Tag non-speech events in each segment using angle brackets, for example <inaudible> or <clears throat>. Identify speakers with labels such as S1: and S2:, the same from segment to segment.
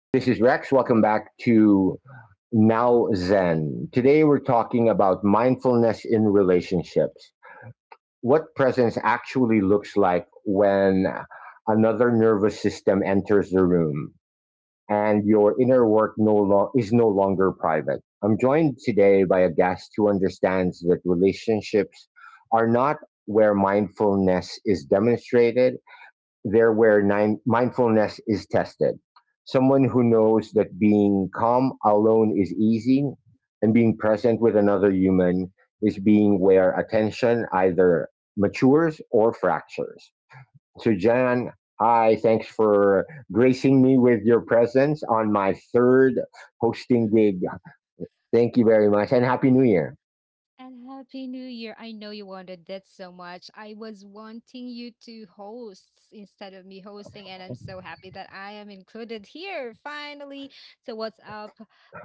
S1: This is Rex. Welcome back to Now Zen. Today we're talking about mindfulness in relationships. What presence actually looks like when another nervous system enters the room and your inner work is no longer private. I'm joined today by a guest who understands that relationships are not where mindfulness is demonstrated, they're where mindfulness is tested. Someone who knows that being calm alone is easy, and being present with another human is being where attention either matures or fractures. So, Jan, hi, thanks for gracing me with your presence on my third hosting gig. Thank you very much, and Happy New Year.
S2: And Happy New Year. I know you wanted that so much. I was wanting you to host instead of me hosting, and I'm so happy that I am included here finally. So, what's up,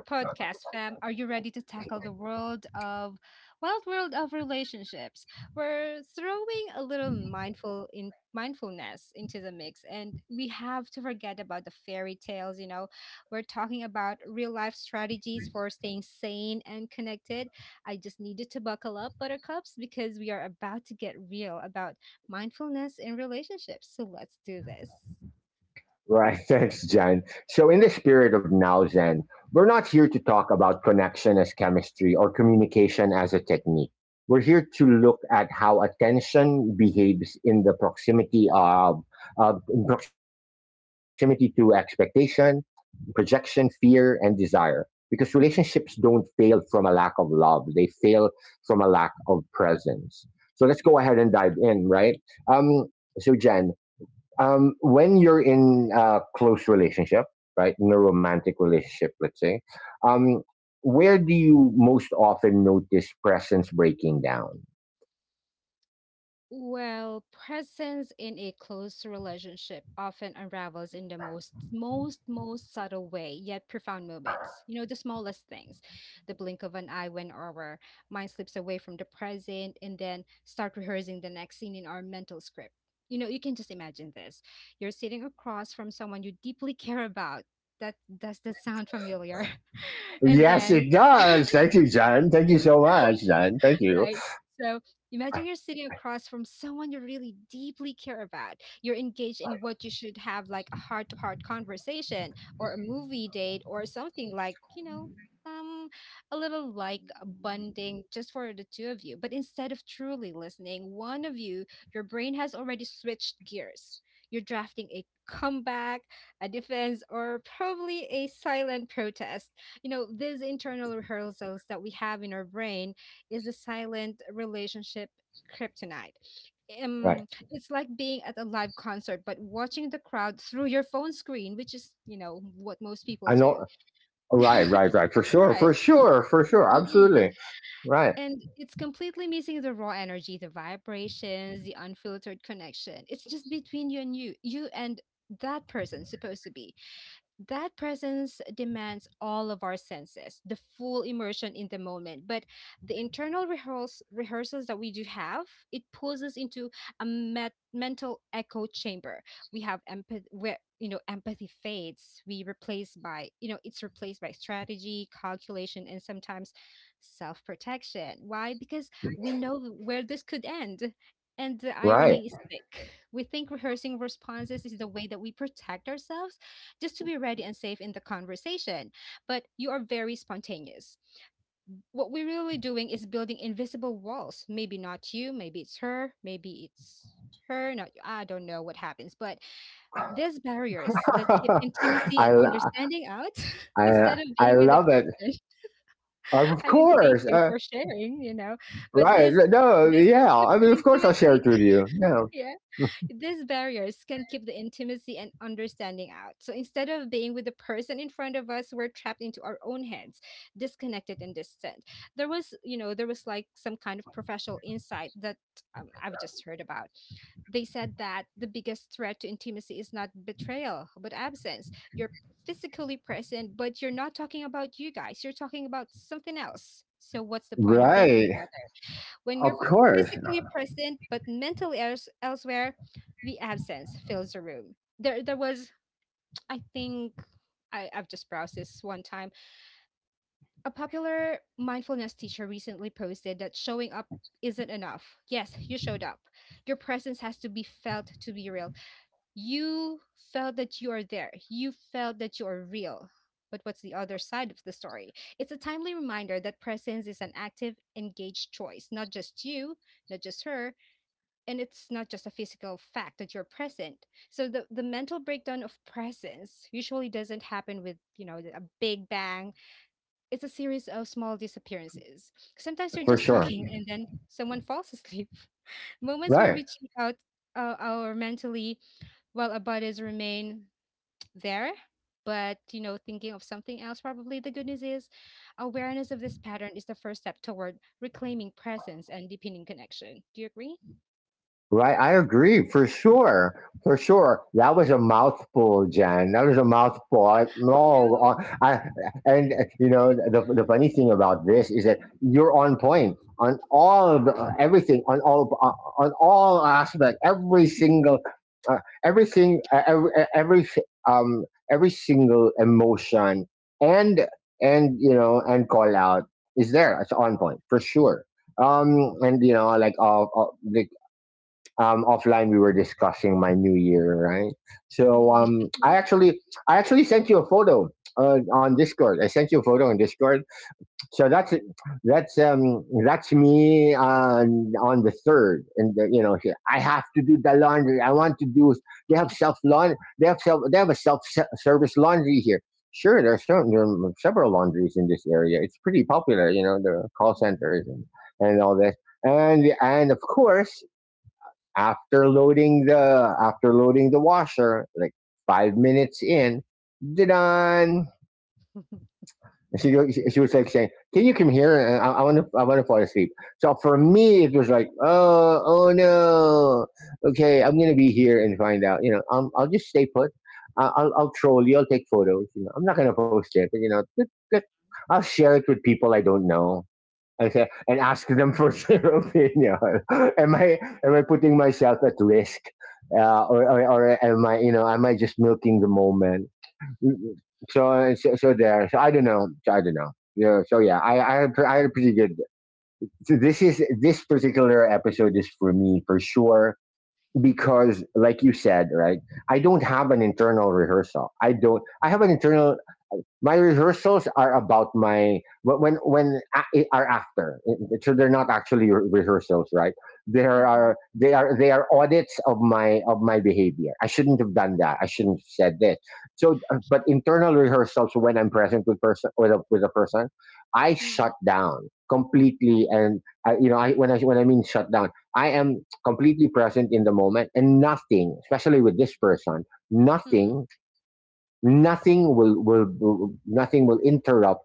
S2: podcast fam? Are you ready to tackle the world of wild world of relationships? We're throwing a little mindful in mindfulness into the mix, and we have to forget about the fairy tales, you know. We're talking about real life strategies for staying sane and connected. I just needed to buckle up, buttercups, because we are about to get real about mindfulness in relationships. So let's do this.
S1: Right, <laughs> thanks, Jan. So, in the spirit of Now Zen, we're not here to talk about connection as chemistry or communication as a technique. We're here to look at how attention behaves in the proximity of, in proximity to expectation, projection, fear, and desire. Because relationships don't fail from a lack of love; they fail from a lack of presence. So let's go ahead and dive in, right? Um, so, Jen, when you're in a close relationship, right, in a romantic relationship, let's say, um, where do you most often notice presence breaking down?
S2: Well, presence in a close relationship often unravels in the most subtle way, yet profound moments. You know, the smallest things, the blink of an eye when our mind slips away from the present and then start rehearsing the next scene in our mental script. You know, you can just imagine this. You're sitting across from someone you deeply <laughs> care about. That does that sound familiar? <laughs> And
S1: Yes,
S2: then
S1: it
S2: <laughs>
S1: does. Thank you, John. Thank you so much, John. Thank you.
S2: right. So imagine you're sitting across from someone you really deeply care about. You're engaged in what you should have like a heart to heart conversation or a movie date or something like, you know, um, a little like a bonding just for the two of you. But instead of truly listening, one of you, your brain has already switched gears. You're drafting a comeback, a defense, or probably a silent protest. You know, these internal rehearsals that we have in our brain is the silent relationship kryptonite.
S1: Right.
S2: It's like being at a live concert, but watching the crowd through your phone screen, which is, you know, what most
S1: I
S2: people
S1: know.
S2: do. <laughs>
S1: Right, right, right. For sure.
S2: Right.
S1: For sure. For sure.
S2: Mm-mm.
S1: Absolutely. Right.
S2: And it's completely missing the raw energy, the vibrations, the unfiltered connection. It's just between you and you, you and that person supposed to be. That presence demands all of our senses, the full immersion in the moment. But the internal rehearsals that we do have, it pulls us into a mental echo chamber. We have empathy, where you know empathy fades. We replace by you know it's replaced by strategy, calculation, and sometimes self protection. Why? Because we know where this could end. And the
S1: Right.
S2: irony is thick. We think rehearsing responses is the way that we protect ourselves just to be ready and safe in the conversation. But you are very spontaneous. What we're really doing is building invisible walls. Maybe not you, maybe it's her, not you. I don't know what happens. But these barriers
S1: <laughs>
S2: that keep intimacy
S1: I,
S2: and
S1: lo-
S2: understanding out <laughs>
S1: I,
S2: instead of
S1: I
S2: being with a
S1: love it.
S2: person. <laughs>
S1: Of
S2: I mean, thank
S1: course.
S2: you for sharing, you know. But
S1: Right.
S2: this
S1: No,
S2: this
S1: yeah.
S2: keeps
S1: I mean, of course I'll share
S2: intimacy.
S1: it with you.
S2: <laughs>
S1: Yeah.
S2: Yeah. These barriers can keep the intimacy and understanding out. So instead of being with the person in front of us, we're trapped into our own heads, disconnected and distant. There was like some kind of professional insight that I've just heard about. They said that the biggest threat to intimacy is not betrayal, but absence. You're physically present, but you're not talking about you guys. You're talking about something else. So what's the point of being
S1: Right.
S2: together? When
S1: Of
S2: you're
S1: course,
S2: physically present but mentally elsewhere, the absence fills the room. There was, I think, I, I've just browsed this one time. A popular mindfulness teacher recently posted that showing up isn't enough. Yes, you showed up. Your presence has to be felt to be real. You felt that you are there. You felt that you are real. But what's the other side of the story? It's a timely reminder that presence is an active, engaged choice, not just you, not just her, and it's not just a physical fact that you're present. So the mental breakdown of presence usually doesn't happen with, you know, a big bang. It's a series of small disappearances. Sometimes you're
S1: for
S2: just
S1: sure.
S2: talking and then someone falls asleep. <laughs> Moments where
S1: Right.
S2: we check out our mentally while our bodies remain there, but you know thinking of something else probably. The good news is awareness of this pattern is the first step toward reclaiming presence and deepening connection. Do you agree?
S1: Right, I agree, for sure, for sure. That was a mouthful, Jan. That was a mouthful. No.
S2: No.
S1: I And you know, the funny thing about this is that you're on point on all of the, everything, on all aspect, every single uh, everything, every single emotion, and you know, and call out is there. It's on point for sure. And you know, like offline we were discussing my new year, right? So
S2: Mm-mm.
S1: I
S2: <laughs>
S1: actually sent you a photo on Discord. I sent you a photo on Discord. So that's me on the third, and you know, I have to do the laundry. I want to do. They have self laundry. They have self. They have a self service laundry here. Sure, there are, certain, there are several laundries in this area. It's pretty popular, you know, the call
S2: Mhm.
S1: centers, and all this. And of course, after loading the washer, like 5 minutes in, done. She was like saying, "Can you come here? I want to fall asleep." So for me, it was like, "Oh no, okay, I'm gonna be here and find out." You know, I'll just stay put. I'll troll you. I'll take photos. You know, I'm not gonna post it, but you know, I'll share it with people I don't know. Okay, and ask them for <laughs> their opinion. <laughs> Am I putting myself at risk, or, or am I, am I just milking the moment? So
S2: Mhm.
S1: there. So I don't know. So I don't know. Yeah. So yeah, I had a pretty good. So this particular episode is for me for sure, because, like you said, right, I don't have an internal rehearsal. I don't. I have an internal — my rehearsals are about my are after. So they're not actually rehearsals, right. there
S2: Mm,
S1: are they are they are audits of my behavior. I shouldn't have done that. I shouldn't have said this. So but internal rehearsals, when I'm present with with a person, I shut
S2: mm.
S1: down completely. And I, you know, I when I when I mean shut down, I am completely present in the moment, and nothing,
S2: Oh.
S1: especially with this person,
S2: Mm,
S1: nothing, nothing will interrupt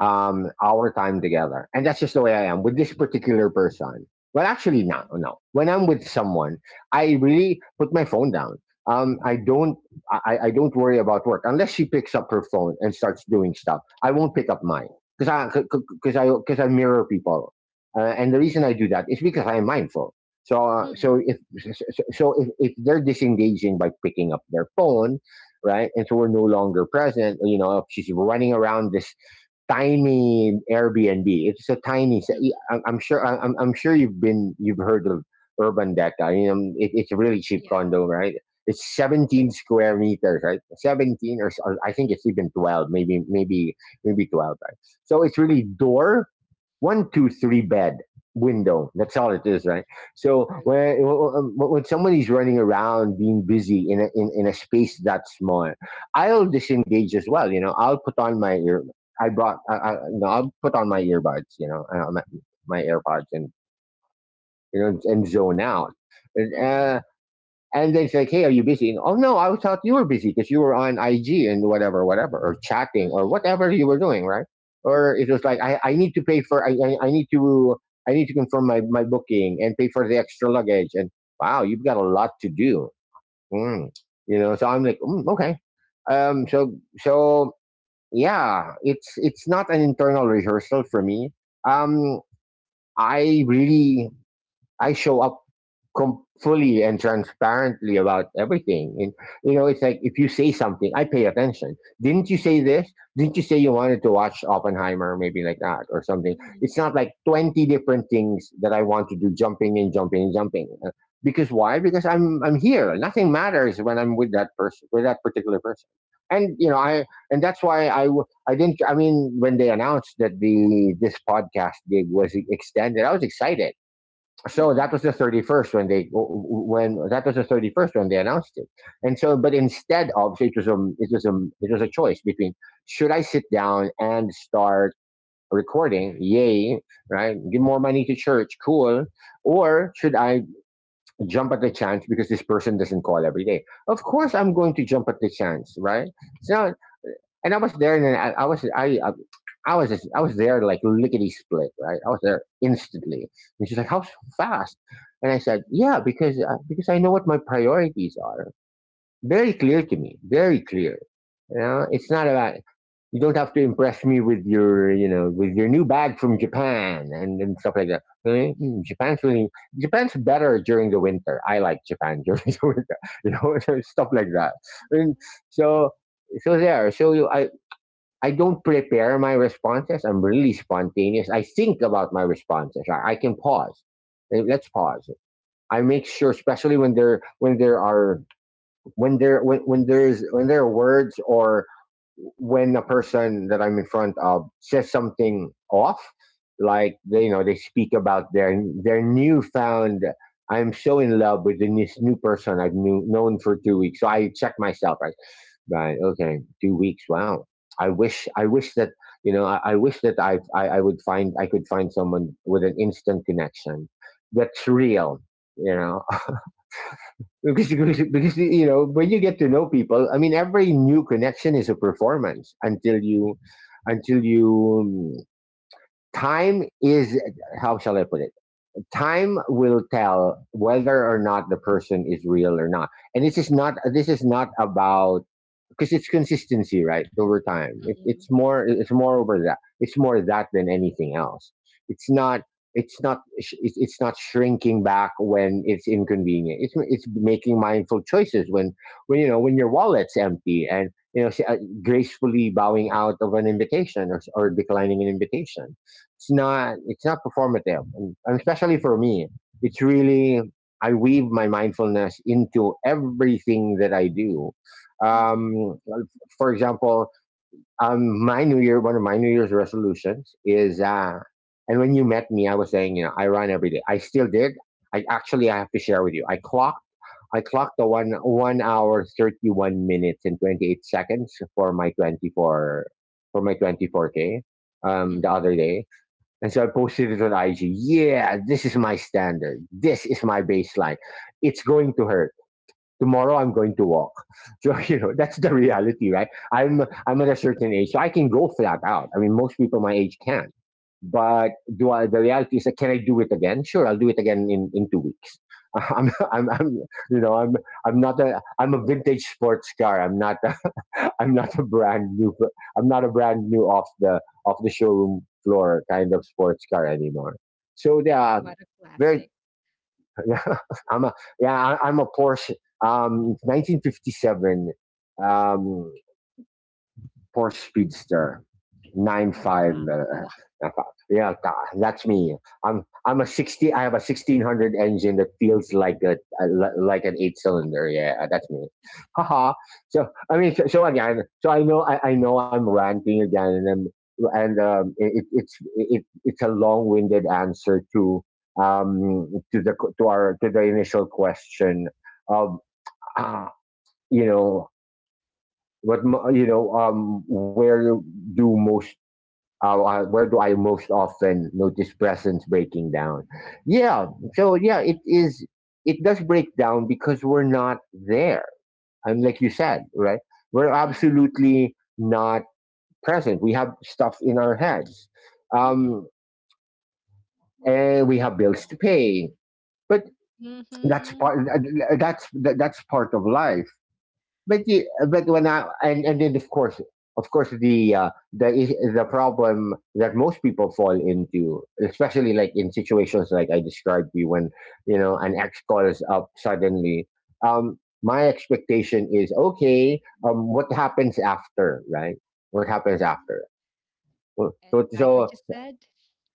S1: our time together. And that's just the way I am with this particular person. Well, actually, no,
S2: mm.
S1: no. When I'm with someone, I really put my phone down. I don't, I don't worry about work unless she picks up her phone and starts doing stuff. I won't pick up mine,
S2: Oh.
S1: because I mirror people, and the reason I do that is because I am mindful. So, so
S2: Mm,
S1: if so, so so if they're disengaging by picking up their phone, right? And so we're no longer present. You know, if she's running around this tiny Airbnb. It's a tiny. s-
S2: mm.
S1: I'm I'm sure. I'm sure you've been. You've heard of Urban Deck. I mean, it, it's a really cheap
S2: Yeah,
S1: condo, right? It's 17 square meters, right? 17, or or I think it's even 12, maybe 12, right? So it's really door, one, two, three, bed, window. That's all it is, right? So
S2: true.
S1: when somebody's running around being busy in a, in a space that small, I'll disengage as well. You know, I'll put on my ear. I brought. I, you know, I'll put on my earbuds. You know, my AirPods, and and zone out.
S2: Mm,
S1: Uh, and they say, "Hey, are you busy?" And, oh no, I thought you were busy because you were on IG and whatever, whatever, or
S2: mm,
S1: chatting or
S2: mm,
S1: whatever you were doing, right? Or it was like, I need to pay for, I need to confirm my booking and pay for the extra luggage." And wow, you've got a lot to do, mm. you know. So I'm like, okay. So, yeah, it's not an internal rehearsal for me. Um, I really, I show up fully and transparently about everything. And you know, it's like if you say something, I pay attention. Didn't you say this? Didn't you say you wanted to watch Oppenheimer, maybe, like that or something?
S2: mm, mm.
S1: It's not like 20 different things that I want to do, jumping and jumping and jumping. Because why? Because I'm here. Nothing matters when I'm with that person, with that particular person. And you know, I and that's why I didn't. I mean, when they announced that the this podcast gig was extended, I was excited. So that was the 31st, when they when that was the 31st when they announced it. And so, but instead of, so it was a, it was a choice between, should I sit down and start recording? Yay, right, give more money to church, cool. Or should I jump at the chance, because this person doesn't call every day? Of course I'm going to jump at the chance, right? So, and I was there, and then I was just, I was there like lickety split, right? I was there instantly, and she's like, "How fast?" And I said,
S2: Mhm.
S1: "Yeah, because I know what my priorities are. Very clear to me, very clear." You know, it's not about, you don't have to impress me with your, you know, with your new bag from Japan and stuff like that. Eh, mm, Japan's really, Japan's better during the winter. I like Japan during <laughs> the winter, you know, <laughs> stuff like that. And so, so there. So I don't prepare my responses. I'm really spontaneous. I think about my responses. I can pause. Eh, let's pause. I make sure, especially when there, when there are when there when there's when there are words, or when a person that I'm in front of says something off, like, they, you know, they speak about their, newfound. I'm so in love with this new person I've known for 2 weeks. So I check myself. Right. Okay. 2 weeks. Wow. I wish. I wish that, you know, I wish that, I would find. I could find someone with an instant connection that's real. You know, <laughs> because, you know, when you get to know people. I mean, every new connection is a performance until you, until you, time is, how shall I put it? Time will tell whether or not the person is real or not. And this is not, this is not about, because it's consistency, right? Over time, it's
S2: Mm,
S1: more, over that, it's more that than anything else. It's not, it's not it's not shrinking back when it's inconvenient. It's making mindful choices when, you know, when your wallet's empty, and you know, gracefully bowing out of an invitation, or declining an invitation. It's not performative, and especially for me, it's really I weave my mindfulness into everything that I do,
S2: mm,
S1: um, for example, one of my New Year's resolutions and when you met me, I was saying, you know, I run every day. I still did. I have to share with you. I clocked the one hour 31 minutes and 28 seconds for my 24K the
S2: mm.
S1: other day, and so I posted it on IG. Yeah, this is my standard. This is my baseline. It's going to hurt tomorrow. I'm going to walk. <laughs> So you know, that's the reality, right? I'm at a certain age so I can go flat out. I mean, most people my age can't, but do I, the reality is that, can I do it again? Sure, I'll do it again in, 2 weeks. <laughs> I'm, I'm, I'm, you know, I'm, I'm not a, I'm a vintage sports car. I'm not, a, <laughs> I'm not a brand new, I'm not a brand new off off the showroom floor kind of sports car anymore. So yeah,
S2: What a
S1: very
S2: classic.
S1: yeah, <laughs> I'm a yeah, I'm a Porsche. 1957. Um, Porsche Speedster, 95.
S2: Wow. <laughs>
S1: Yeah, that's me. I'm a 60. I have a 1600 engine that feels like a like an eight cylinder. Yeah, that's me. Haha. So I mean, so again, so I know I know I'm ranting again, and it's a long winded answer to, um, to the to the initial question of, <clears throat> uh, you know where do most, where do I most often notice presence breaking down? Yeah, so yeah, it is. It does break down because we're not there. And like you
S2: Yes.
S1: said, right? We're
S2: Mm,
S1: absolutely not present. We have stuff in our heads,
S2: mm.
S1: um, and we have bills to pay. But that's
S2: Mhm,
S1: part. That's that's part of life, but the but when I and then, of course the, the problem that most people fall into, especially like in situations like I described to you, when you know an ex calls up suddenly. Um, my expectation is, okay, what happens after, right? What happens
S2: mhm.
S1: after? So
S2: And
S1: so
S2: like I just said,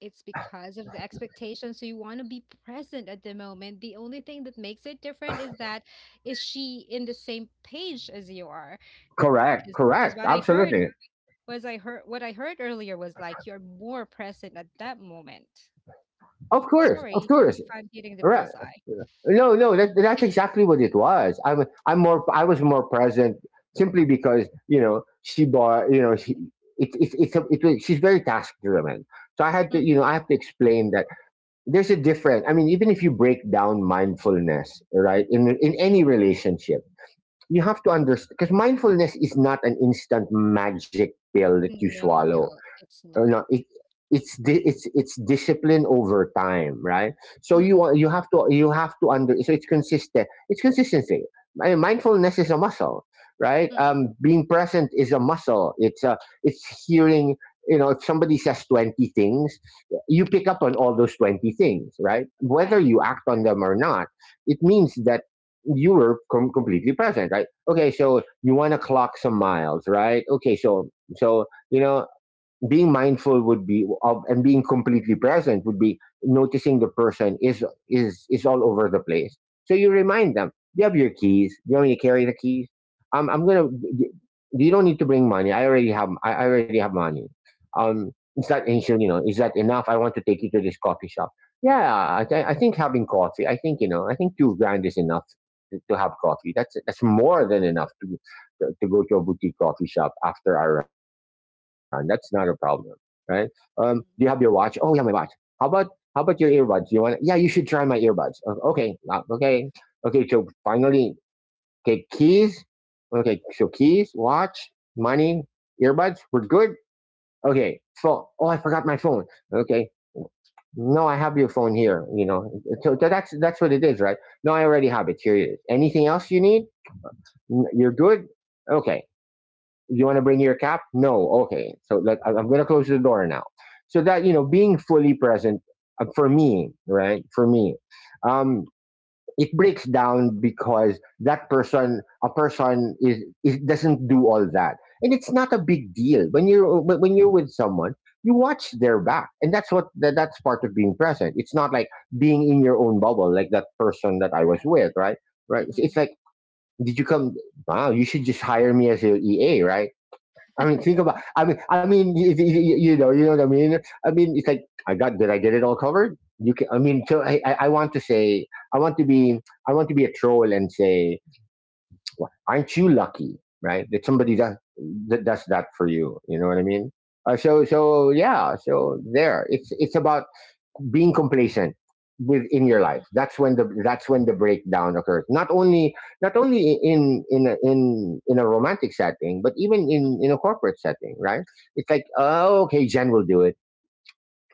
S2: it's because of the expectation. So you want to be present at the moment. The only thing that makes it different is that is she in the same page as you are?
S1: correct,
S2: Because
S1: correct,
S2: what I heard
S1: absolutely,
S2: was I heard what I heard earlier was like you're more present at that moment.
S1: of
S2: Sorry
S1: course,
S2: if I'm hitting the
S1: right.
S2: bullseye.
S1: No, no, that's exactly what it was. I was more present simply because, you know, she bought, you know, she, it, it's a, it, was she's very task driven. So I had to, you
S2: Mm-mm.
S1: know, I have to explain that there's a difference. I mean, even if you break down mindfulness, right, in any relationship, you have to understand because mindfulness is not an instant magic pill that you
S2: No,
S1: swallow.
S2: no, it's
S1: No,
S2: not.
S1: it, it's di- it's discipline over time, right? So
S2: Mm-mm.
S1: you have to under, so it's consistent. It's consistency. Mindfulness is a muscle, right?
S2: Mm-mm.
S1: Being present is a muscle. It's hearing. You know, if somebody says 20 things, you pick up on all those 20 things, right? Whether
S2: Right,
S1: you act on them or not, it means that you were completely present, right? Okay, so you want to clock some miles, right? Okay, you know, being mindful would be of and being completely present would be noticing the person is all over the place. So you remind them, do you have your keys? Do you want me to carry the keys? I'm gonna You don't need to bring money. I already have, I already have money. um is that And she'll, you know, is that enough? I want to take you to this coffee shop. Yeah, I think having coffee, I think 2 grand is enough to have coffee. That's more than enough to, go to a boutique coffee shop after our run. That's not a problem, right? Do you have your watch? Oh yeah, my watch. How about how about your earbuds? You want? Yeah, you should try my earbuds. Okay, okay. So finally, okay, keys. Okay, so keys, watch, money, earbuds. We're good. Okay, phone. Oh, I forgot my phone. Okay, no, I have your phone here. You know, that's what it is, right? No, I already have it. Here it is. Anything else you need? You're good. Okay, you want to bring your cap? No. Okay. So like, am going to close the door now. So that, you know, being fully present, for me, right? For me, um, it breaks down because a person is doesn't do all that. And it's not a big deal when when you're with someone, you watch their back and that's part of being present. It's not like being in your own bubble, like that person that I was
S2: right.
S1: with, right? Right. It's
S2: Mm-mm.
S1: like, did you come? Wow, you should just hire me as your EA, right? I mean, think about. I mean, you know what I mean. I mean, it's like, I got. Did I get it all covered? You can. I mean, so I want to say, I want to be, I want to be a troll and say, "Well, aren't you lucky, right? That somebody does that for you. You know what I mean?" So yeah. So there. It's about being complacent within your life.
S2: Mm-mm.
S1: That's when the breakdown occurs, not only in in a romantic setting, but even in
S2: Mm-mm.
S1: in a corporate setting, right? It's like, oh, okay, Jen will do it,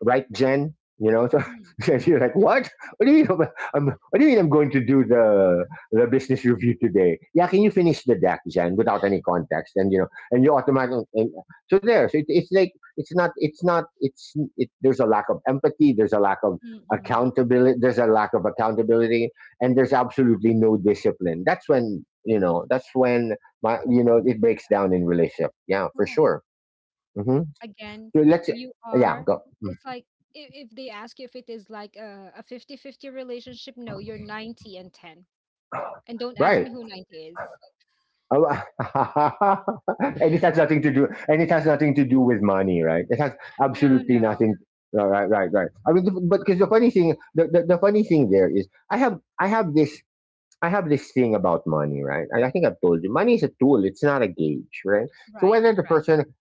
S1: right, Jen? You know, so
S2: Mm-mm.
S1: <laughs> she's like, "What? What do you mean? What do you mean? I'm going to do the business review today? Yeah, can you finish the deck, Jen, without any context?" And you know, and you automatically, and so there. So it's like, it's not, there's a lack of empathy, there's a lack of
S2: Mm-mm.
S1: accountability, there's a lack of accountability, and there's absolutely no discipline. That's when, you know,
S2: It
S1: it
S2: breaks.
S1: breaks down in relationship. Yeah, for
S2: Right.
S1: sure. Hmm.
S2: Again,
S1: So let's...
S2: you
S1: Yeah,
S2: are,
S1: go. Mm.
S2: it's like if they ask you if it is like a fifty fifty relationship, no, you're 90-10. And don't ask
S1: Right.
S2: me who 90 is.
S1: Oh, <laughs> And it has nothing to do with money, right? It has
S2: No,
S1: absolutely
S2: no.
S1: nothing. Right, right, right, right. I mean, but because the funny thing, the funny thing there is, I have this thing about money, right? And I think I've told you, money is a tool. It's not a gauge, right? So
S2: Right,
S1: whether the
S2: right,
S1: person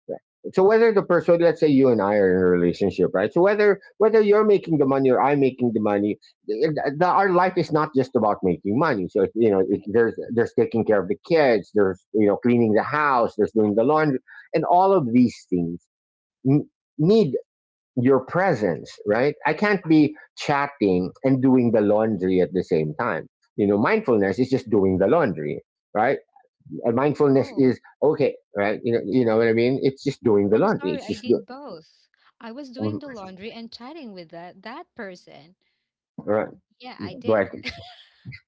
S1: so whether the person, let's say you and I are in a relationship, right? So whether you're making the money or I'm making the money, our life is not just about making money. So you know,
S2: right.
S1: there's taking care of the kids, there's, you know, cleaning the house, there's doing the laundry, and all of these things n- need your presence, right? I can't be chatting and doing the laundry at the same time. You know, mindfulness is just doing the laundry, right? And mindfulness
S2: Oh,
S1: is okay, right? You know what I mean, it's just doing the
S2: I'm
S1: laundry.
S2: sorry,
S1: It's
S2: I
S1: just...
S2: did both. I was
S1: Mm.
S2: doing the laundry and chatting with that person.
S1: Right.
S2: Yeah, I did.
S1: Right.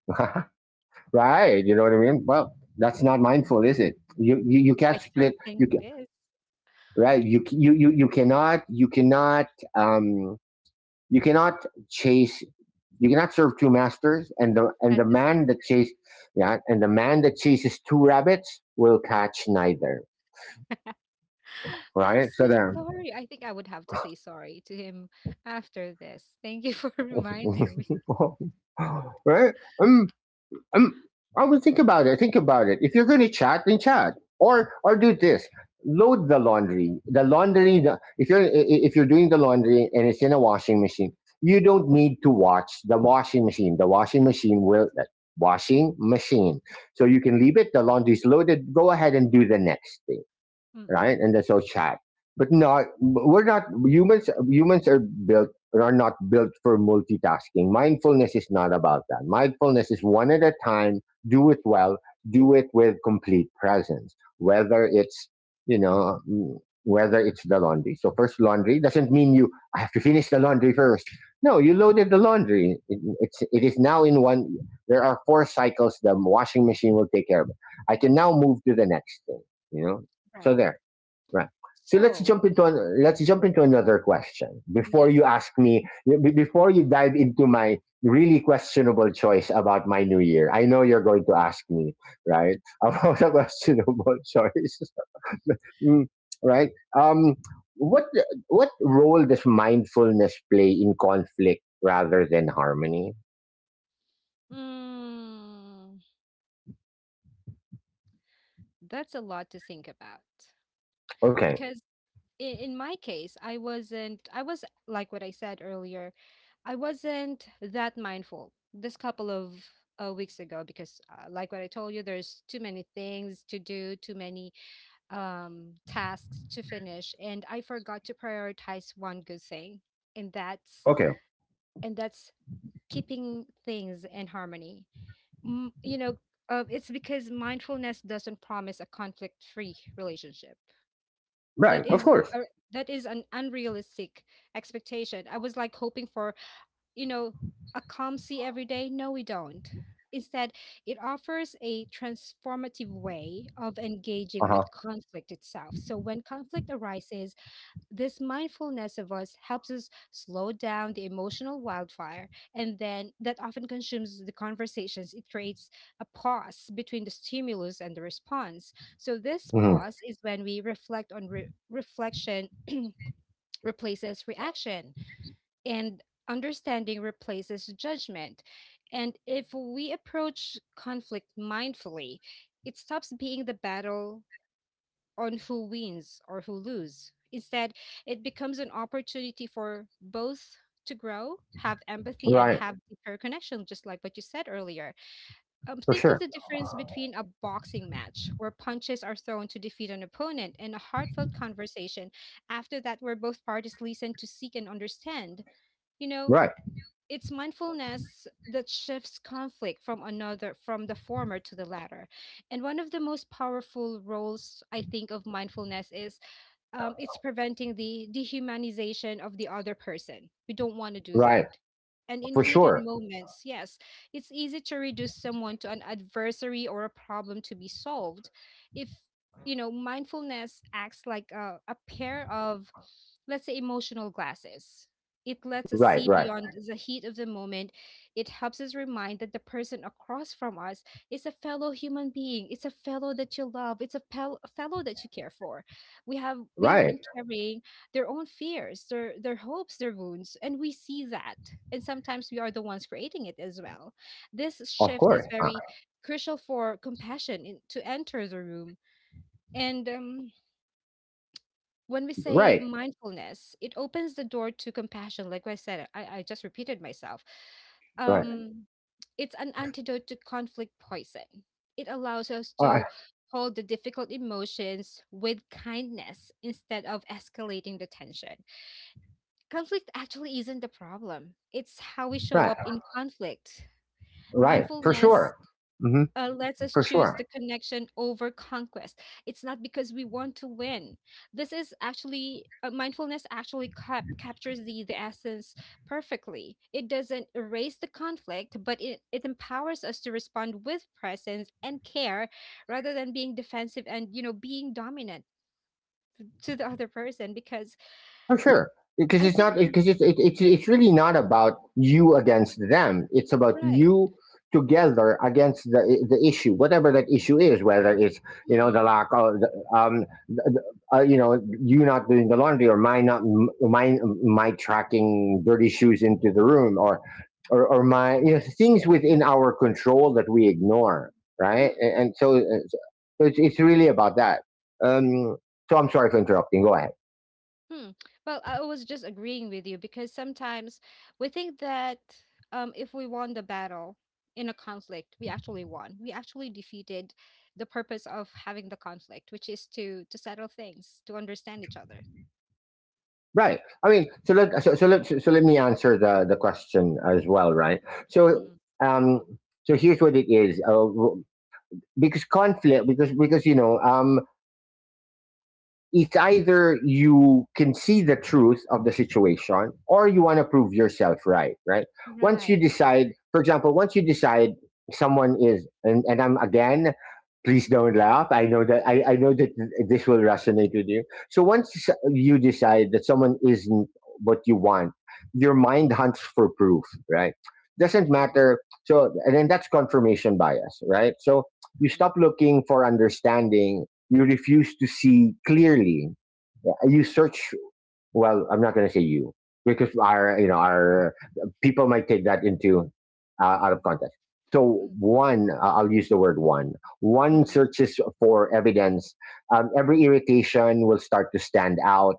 S1: <laughs> Right. You know what I mean? Well, that's not mindful, is it? You
S2: <laughs>
S1: can't
S2: I
S1: split,
S2: don't think it is
S1: right. You cannot, um you cannot chase you cannot serve two masters, and
S2: at
S1: the
S2: the same.
S1: man that chase yeah, and the man that chases two rabbits will catch neither.
S2: <laughs> I'm
S1: Right? So
S2: so
S1: there.
S2: sorry. I think I would have to say sorry to him after this. Thank you for <laughs> reminding me.
S1: <laughs> Right? I'm, I would think about it. Think about it. If you're going to chat, then chat, or do this. Load the laundry. The laundry. If you're doing the laundry and it's in a washing machine, you don't need to watch the washing machine. The washing machine will, washing machine. So you can leave it. The laundry's loaded. Go ahead and do the next thing,
S2: Mm-mm.
S1: right? And they're so social. But not, we're not humans. Humans are built are not built for multitasking. Mindfulness is not about that. Mindfulness is one at a time. Do it well. Do it with complete presence. Whether it's, you know, mm, whether it's the laundry. So first laundry doesn't mean you I have to finish the laundry first. No, you loaded the laundry. It is now in one. There are four cycles. The washing machine will take care of it. I can now
S2: Mm.
S1: move to the next thing. You know. So
S2: Right.
S1: there. Right. So
S2: So,
S1: let's jump into another question before
S2: yes.
S1: you ask me before you dive into my really questionable choice about my new year. I know you're going to ask me, right, <laughs> about a questionable choice, <laughs> Mm, right? Um, what what role does mindfulness play in conflict rather than harmony?
S2: Mm, that's a lot to think about.
S1: Okay,
S2: Because in my case, I wasn't, I was like what I said earlier, I wasn't that mindful this couple of weeks ago because, like what I told you, there's too many things to do, too many tasks to finish, and I forgot to prioritize one good thing, and that's
S1: okay,
S2: and that's keeping things in harmony. Mm, you know, it's because mindfulness doesn't promise a conflict-free relationship.
S1: right,
S2: That
S1: of
S2: is
S1: course,
S2: a, that is an unrealistic expectation. I was like hoping for, you know, a calm sea every day. No, we don't. Instead, it offers a transformative way of
S1: uh
S2: engaging
S1: huh,
S2: with conflict itself. So when conflict arises, this mindfulness of us helps us slow down the emotional wildfire, and then that often consumes the conversations. It creates a pause between the stimulus and the response. So, this
S1: hmm
S2: pause is when we reflect on reflection replaces reaction, and understanding replaces judgment. And if we approach conflict mindfully, it stops being the battle on who wins or who lose. Instead, it becomes an opportunity for both to grow, have empathy, and
S1: right,
S2: have deeper connection, just like what you said earlier.
S1: for
S2: Think of
S1: sure,
S2: the difference between a boxing match where punches are thrown to defeat an opponent and a heartfelt conversation after that where both parties listen to seek and understand. You know,
S1: right,
S2: it's mindfulness that shifts conflict from another from the former to the latter. And one of the most powerful roles I think of mindfulness is it's preventing the dehumanization of the other person. We don't want to do
S1: right,
S2: that. And in
S1: for
S2: heated
S1: sure,
S2: moments, yes, it's easy to reduce someone to an adversary or a problem to be solved. If, you know, mindfulness acts like a pair of let's say emotional glasses. It lets us
S1: right,
S2: see
S1: right,
S2: beyond the heat of the moment. It helps us remind that the person across from us is a fellow human being. It's a fellow that you love. It's a fellow that you care for. We have
S1: right.
S2: been carrying their own fears, their hopes, their wounds, and we see that. And sometimes we are the ones creating it as well. This
S1: Of
S2: shift
S1: course.
S2: is very crucial for compassion in, to enter the room. And when we say
S1: Right.
S2: mindfulness, it opens the door to compassion. Like I said, I just repeated myself.
S1: Right.
S2: Um, it's an antidote to conflict poison. It allows us
S1: Uh,
S2: to hold the difficult emotions with kindness instead of escalating the tension. Conflict actually isn't the problem, it's how we show
S1: right.
S2: up in conflict.
S1: Right. For
S2: Mindfulness
S1: sure. Hmm.
S2: lets us
S1: For
S2: choose
S1: sure.
S2: the connection over conquest. It's not because we want to win. This is actually mindfulness actually captures the essence perfectly. It doesn't erase the conflict, but it empowers us to respond with presence and care rather than being defensive and you know being dominant to the other person because
S1: For sure, because
S2: I
S1: it's
S2: think
S1: not because it's it's really not about you against them. It's about
S2: right.
S1: you together against the issue, whatever that issue is. Whether it's, you know, the
S2: Mm-mm.
S1: lack of the, you know, you not doing the laundry or my not m- my tracking dirty shoes into the room, or my, you know, things within our control that we ignore, right? And so, so it's really about that. Um, so I'm sorry for interrupting. Go ahead.
S2: Hmm. Well, I was just agreeing with you because sometimes we think that if we won the battle in a conflict, we actually won. We actually defeated the purpose of having the conflict, which is to settle things, to understand each other.
S1: Right. I mean, so let me answer the question as well, right? So,
S2: Mm-mm.
S1: um, so here's what it is. Because conflict because you know, um, it's either you can see the truth of the situation or you want to prove yourself right. Right,
S2: Right.
S1: once you decide someone is, and I'm again, please don't laugh, I know that, I know that this will resonate with you. So once you decide that someone isn't what you want, your mind hunts for proof, right? Doesn't
S2: True.
S1: matter. So and then that's confirmation bias, right? So you
S2: Mm-mm.
S1: stop looking for understanding. You refuse to see clearly. Yeah. You search, well, I'm not going to say you because our, you know, our people might take that into, out of context. So
S2: Mm.
S1: one, I'll use the word one. One
S2: Mm-mm.
S1: searches for evidence. Every irritation will start to stand out.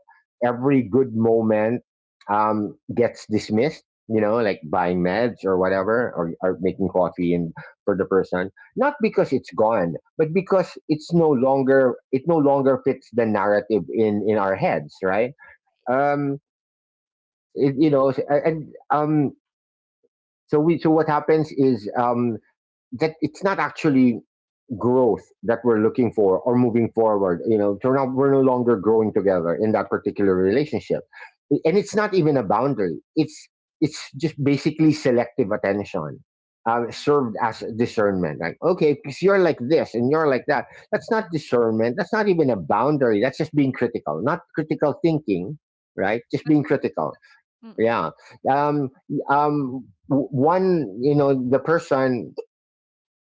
S2: Mm-mm.
S1: Every good moment, gets dismissed. You know, like buying meds or whatever, or making coffee and for the person, not because it's gone, but because it's no longer, it no longer fits the narrative in our heads, right? Um, it, you know, and, um, so we so what happens is, um, that it's not actually growth that we're looking for or moving forward. You know, turn out we're no longer growing together in that particular relationship, and it's not even a boundary. It's just basically selective attention,
S2: Mm.
S1: served as discernment, like, okay, because you're like this and you're like that. That's not discernment, that's not even a boundary, that's just being critical, not critical thinking, right? Just
S2: But
S1: being critical.
S2: critical. Mm-mm.
S1: Yeah. Um, one, you know, the person,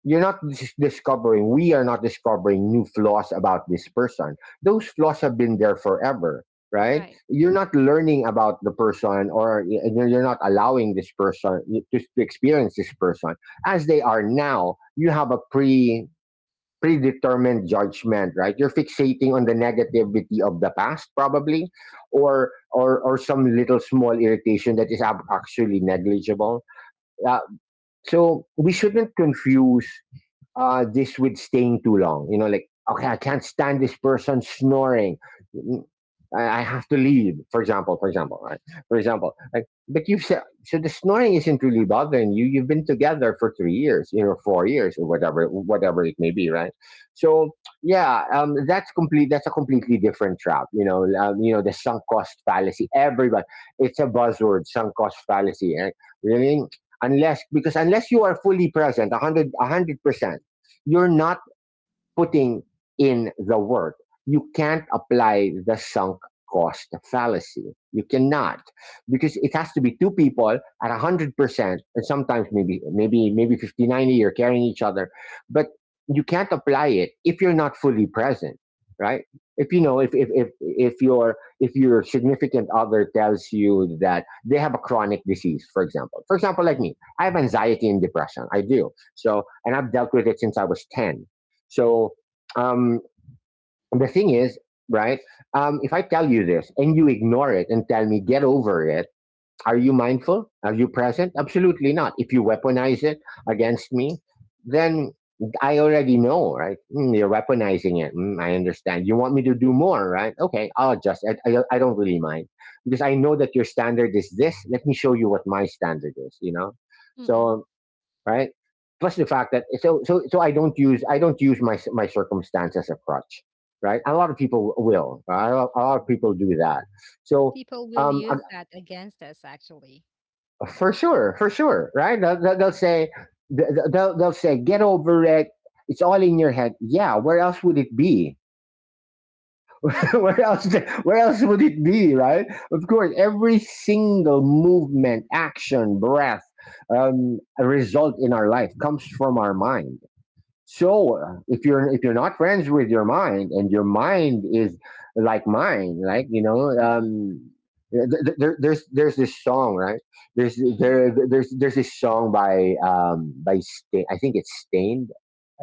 S1: you're not dis- discovering, we are not discovering new flaws about this person. Those flaws have been there forever, right?
S2: Right.
S1: You're not learning about the person, or you're not allowing this person to experience this person as they are now. You have a predetermined judgment, right? You're fixating on the negativity of the past, probably, or some little small irritation that is actually negligible. Uh, so we shouldn't confuse, this with staying too long. You know, like, okay, I can't stand this person snoring. Mm, I have to leave, for example, right? For example, like, but you've said, so the snoring isn't really bothering you. You've been together for 3 years, you know, 4 years or whatever, whatever it may be, right? So, yeah, that's complete, that's a completely different trap, you know, the sunk cost fallacy. Everybody, it's a buzzword, sunk cost fallacy, right? Really? Unless, because unless you are fully present, 100, a 100%, you're not putting in the work. You can't apply the sunk cost fallacy. You cannot, because it has to be two people at 100%, and sometimes maybe 50 90. You're carrying each other, but you can't apply it if you're not fully present, right? If you know, if your, if your significant other tells you that they have a chronic disease, for example, like me, I have anxiety and depression. I do so, and I've dealt with it since I was 10. So, um, the thing is, right? If I tell you this and you ignore it and tell me get over it, are you mindful? Are you present? Absolutely not. If you weaponize it against me, then I already know, right? Mm, you're weaponizing it. Mm, I understand. You want me to do more, right? Okay, I'll adjust. I don't really mind because I know that your standard is this. Let me show you what my standard is, you know?
S2: Mm-mm.
S1: So right? Plus the fact that, so I don't use, I don't use my my circumstance as a crutch, right? A lot of people will. Right? A lot of people do that. So,
S2: People will
S1: um, uh,
S2: use that against us, actually.
S1: for sure, right? They'll say, they'll say get over it. It's all in your head. Yeah, where else would it be? <laughs>
S2: Mm-mm.
S1: Where else? Where else would it be? Right? Of course, every single movement, action, breath, result in our life comes from our mind. So, if you're, if you're not friends with your mind and your mind is like mine, like, you know, um,
S2: Mm-mm.
S1: there, there's this song, right? there's
S2: Mm-mm.
S1: there there's there's this song by, um, by Stain. I think it's Stained.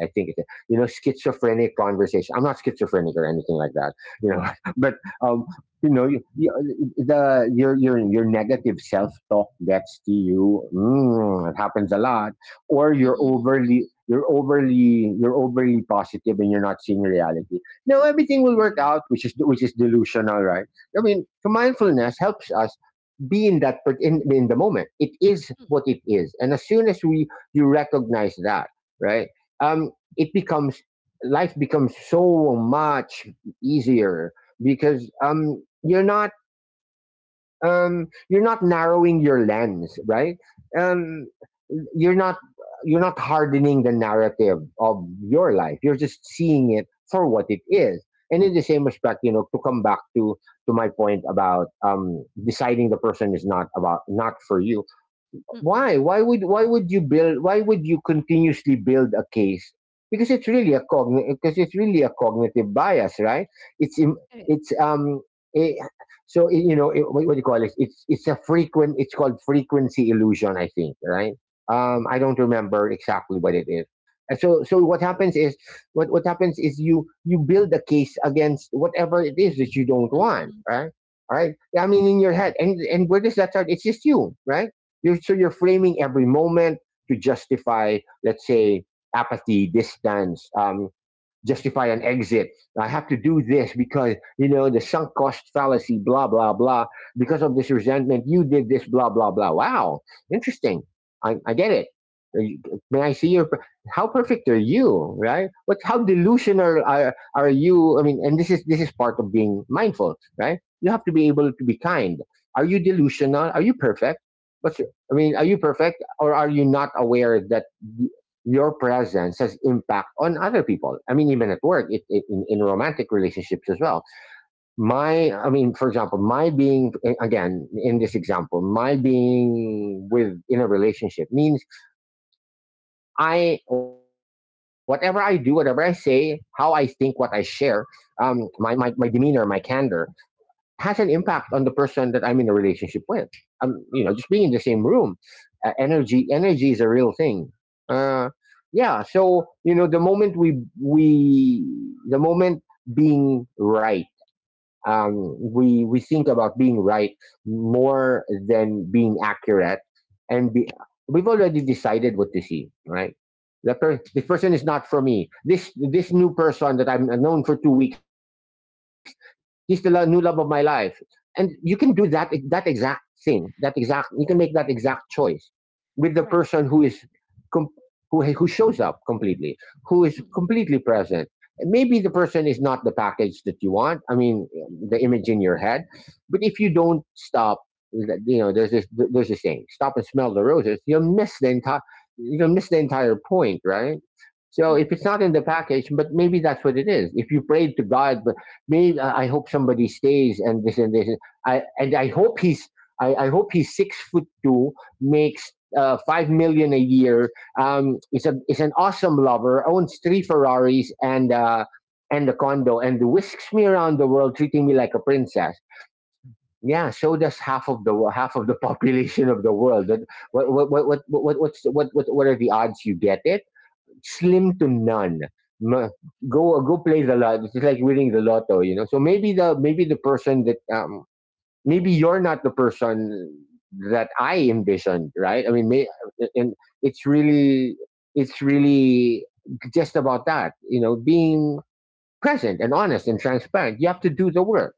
S1: I think it's, you know, schizophrenic conversation. I'm not schizophrenic or anything like that, you know, <laughs> but um, you know, the your your negative self talk gets to you. Mm, it happens a lot. Or you're
S2: Mm-mm.
S1: overly, you're overly positive and you're not seeing reality. Now everything will work
S2: Right.
S1: out, which is delusional, right? I mean, so mindfulness helps us be in that in the moment. It is
S2: Mm-mm.
S1: what it is, and as soon as we you recognize that, right? It becomes, life becomes so much easier because, um, you're not, you're not narrowing your lens, right? Um, you're not, you're not hardening the narrative of your life. You're just seeing it for what it is. And in the same respect, you know, to come back to my point about, deciding the person is not for you,
S2: Mm-mm.
S1: why would, why would you build, why would you continuously build a case? Because it's really a cogn because it's really a cognitive bias, right? it's im-
S2: It
S1: it's
S2: is.
S1: Um, eh, so, eh, you know, eh, what do you call it, it's a frequent it's called frequency illusion, I think, right? Um, I don't remember exactly what it is. And so, what happens is you you build a case against whatever it is that you don't want,
S2: Mm,
S1: right? Right, I mean, in your head, and where does that start? It's just you, right? So you're
S2: mm,
S1: framing every moment to justify, let's say, apathy, distance, justify an exit. I have to do this because, you know, the sunk cost fallacy, blah, blah, blah. Because of this resentment, you did this, blah, blah, blah. Wow, interesting. I get it. May I see your, how perfect are you, right? What, how delusional are you? I mean, and this is part of being mindful, right? You have to be able to be kind. Are you delusional? Are you perfect? What's, I mean, are you perfect or are you not aware that your presence has impact on other people. I mean, even at work, in romantic relationships as well. My, I mean, for example, my being, again, in this example, my being with, in a relationship means I, whatever I do, whatever I say, how I think, what I share, my demeanor, my candor, has an impact on the person that I'm in a relationship with. You know, just being in the same room, energy is a real thing. Uh, yeah. So you know, the moment being right, we think about being right more than being accurate, and be, we've already decided what to see, right? That this person is not for me. This new person that I've known for 2 weeks, he's the new love of my life. And you can do that, that exact thing, that exact you can make that exact choice with the person
S2: right.
S1: who is com- who shows up completely, who is
S2: Mm,
S1: completely present. Maybe the person is not the package that you want. I mean, the image in your head. But if you
S2: mm,
S1: don't stop, there's this saying: stop and smell the roses. You'll miss the entire point, right? So if it's
S2: mm.
S1: not in the package, but maybe that's what it is. If you prayed to God but man, I hope somebody stays and this and this. I and I hope I hope he's 6 foot two, makes 5 million a year. Is a is an awesome lover, owns three Ferraris and a condo, and whisks me around the world, treating me like a princess. Yeah, so does half of the <laughs> population of the world.
S2: Right.
S1: What what's, what are the odds you get it? Slim to none. M- Go
S2: Mm-hmm.
S1: play the lot. It's like winning the lotto, you know. So maybe the person that maybe you're not the person that I envisioned, right? I mean, may, and it's really it's really just about that, you know, being present and honest and transparent. You have to do the work.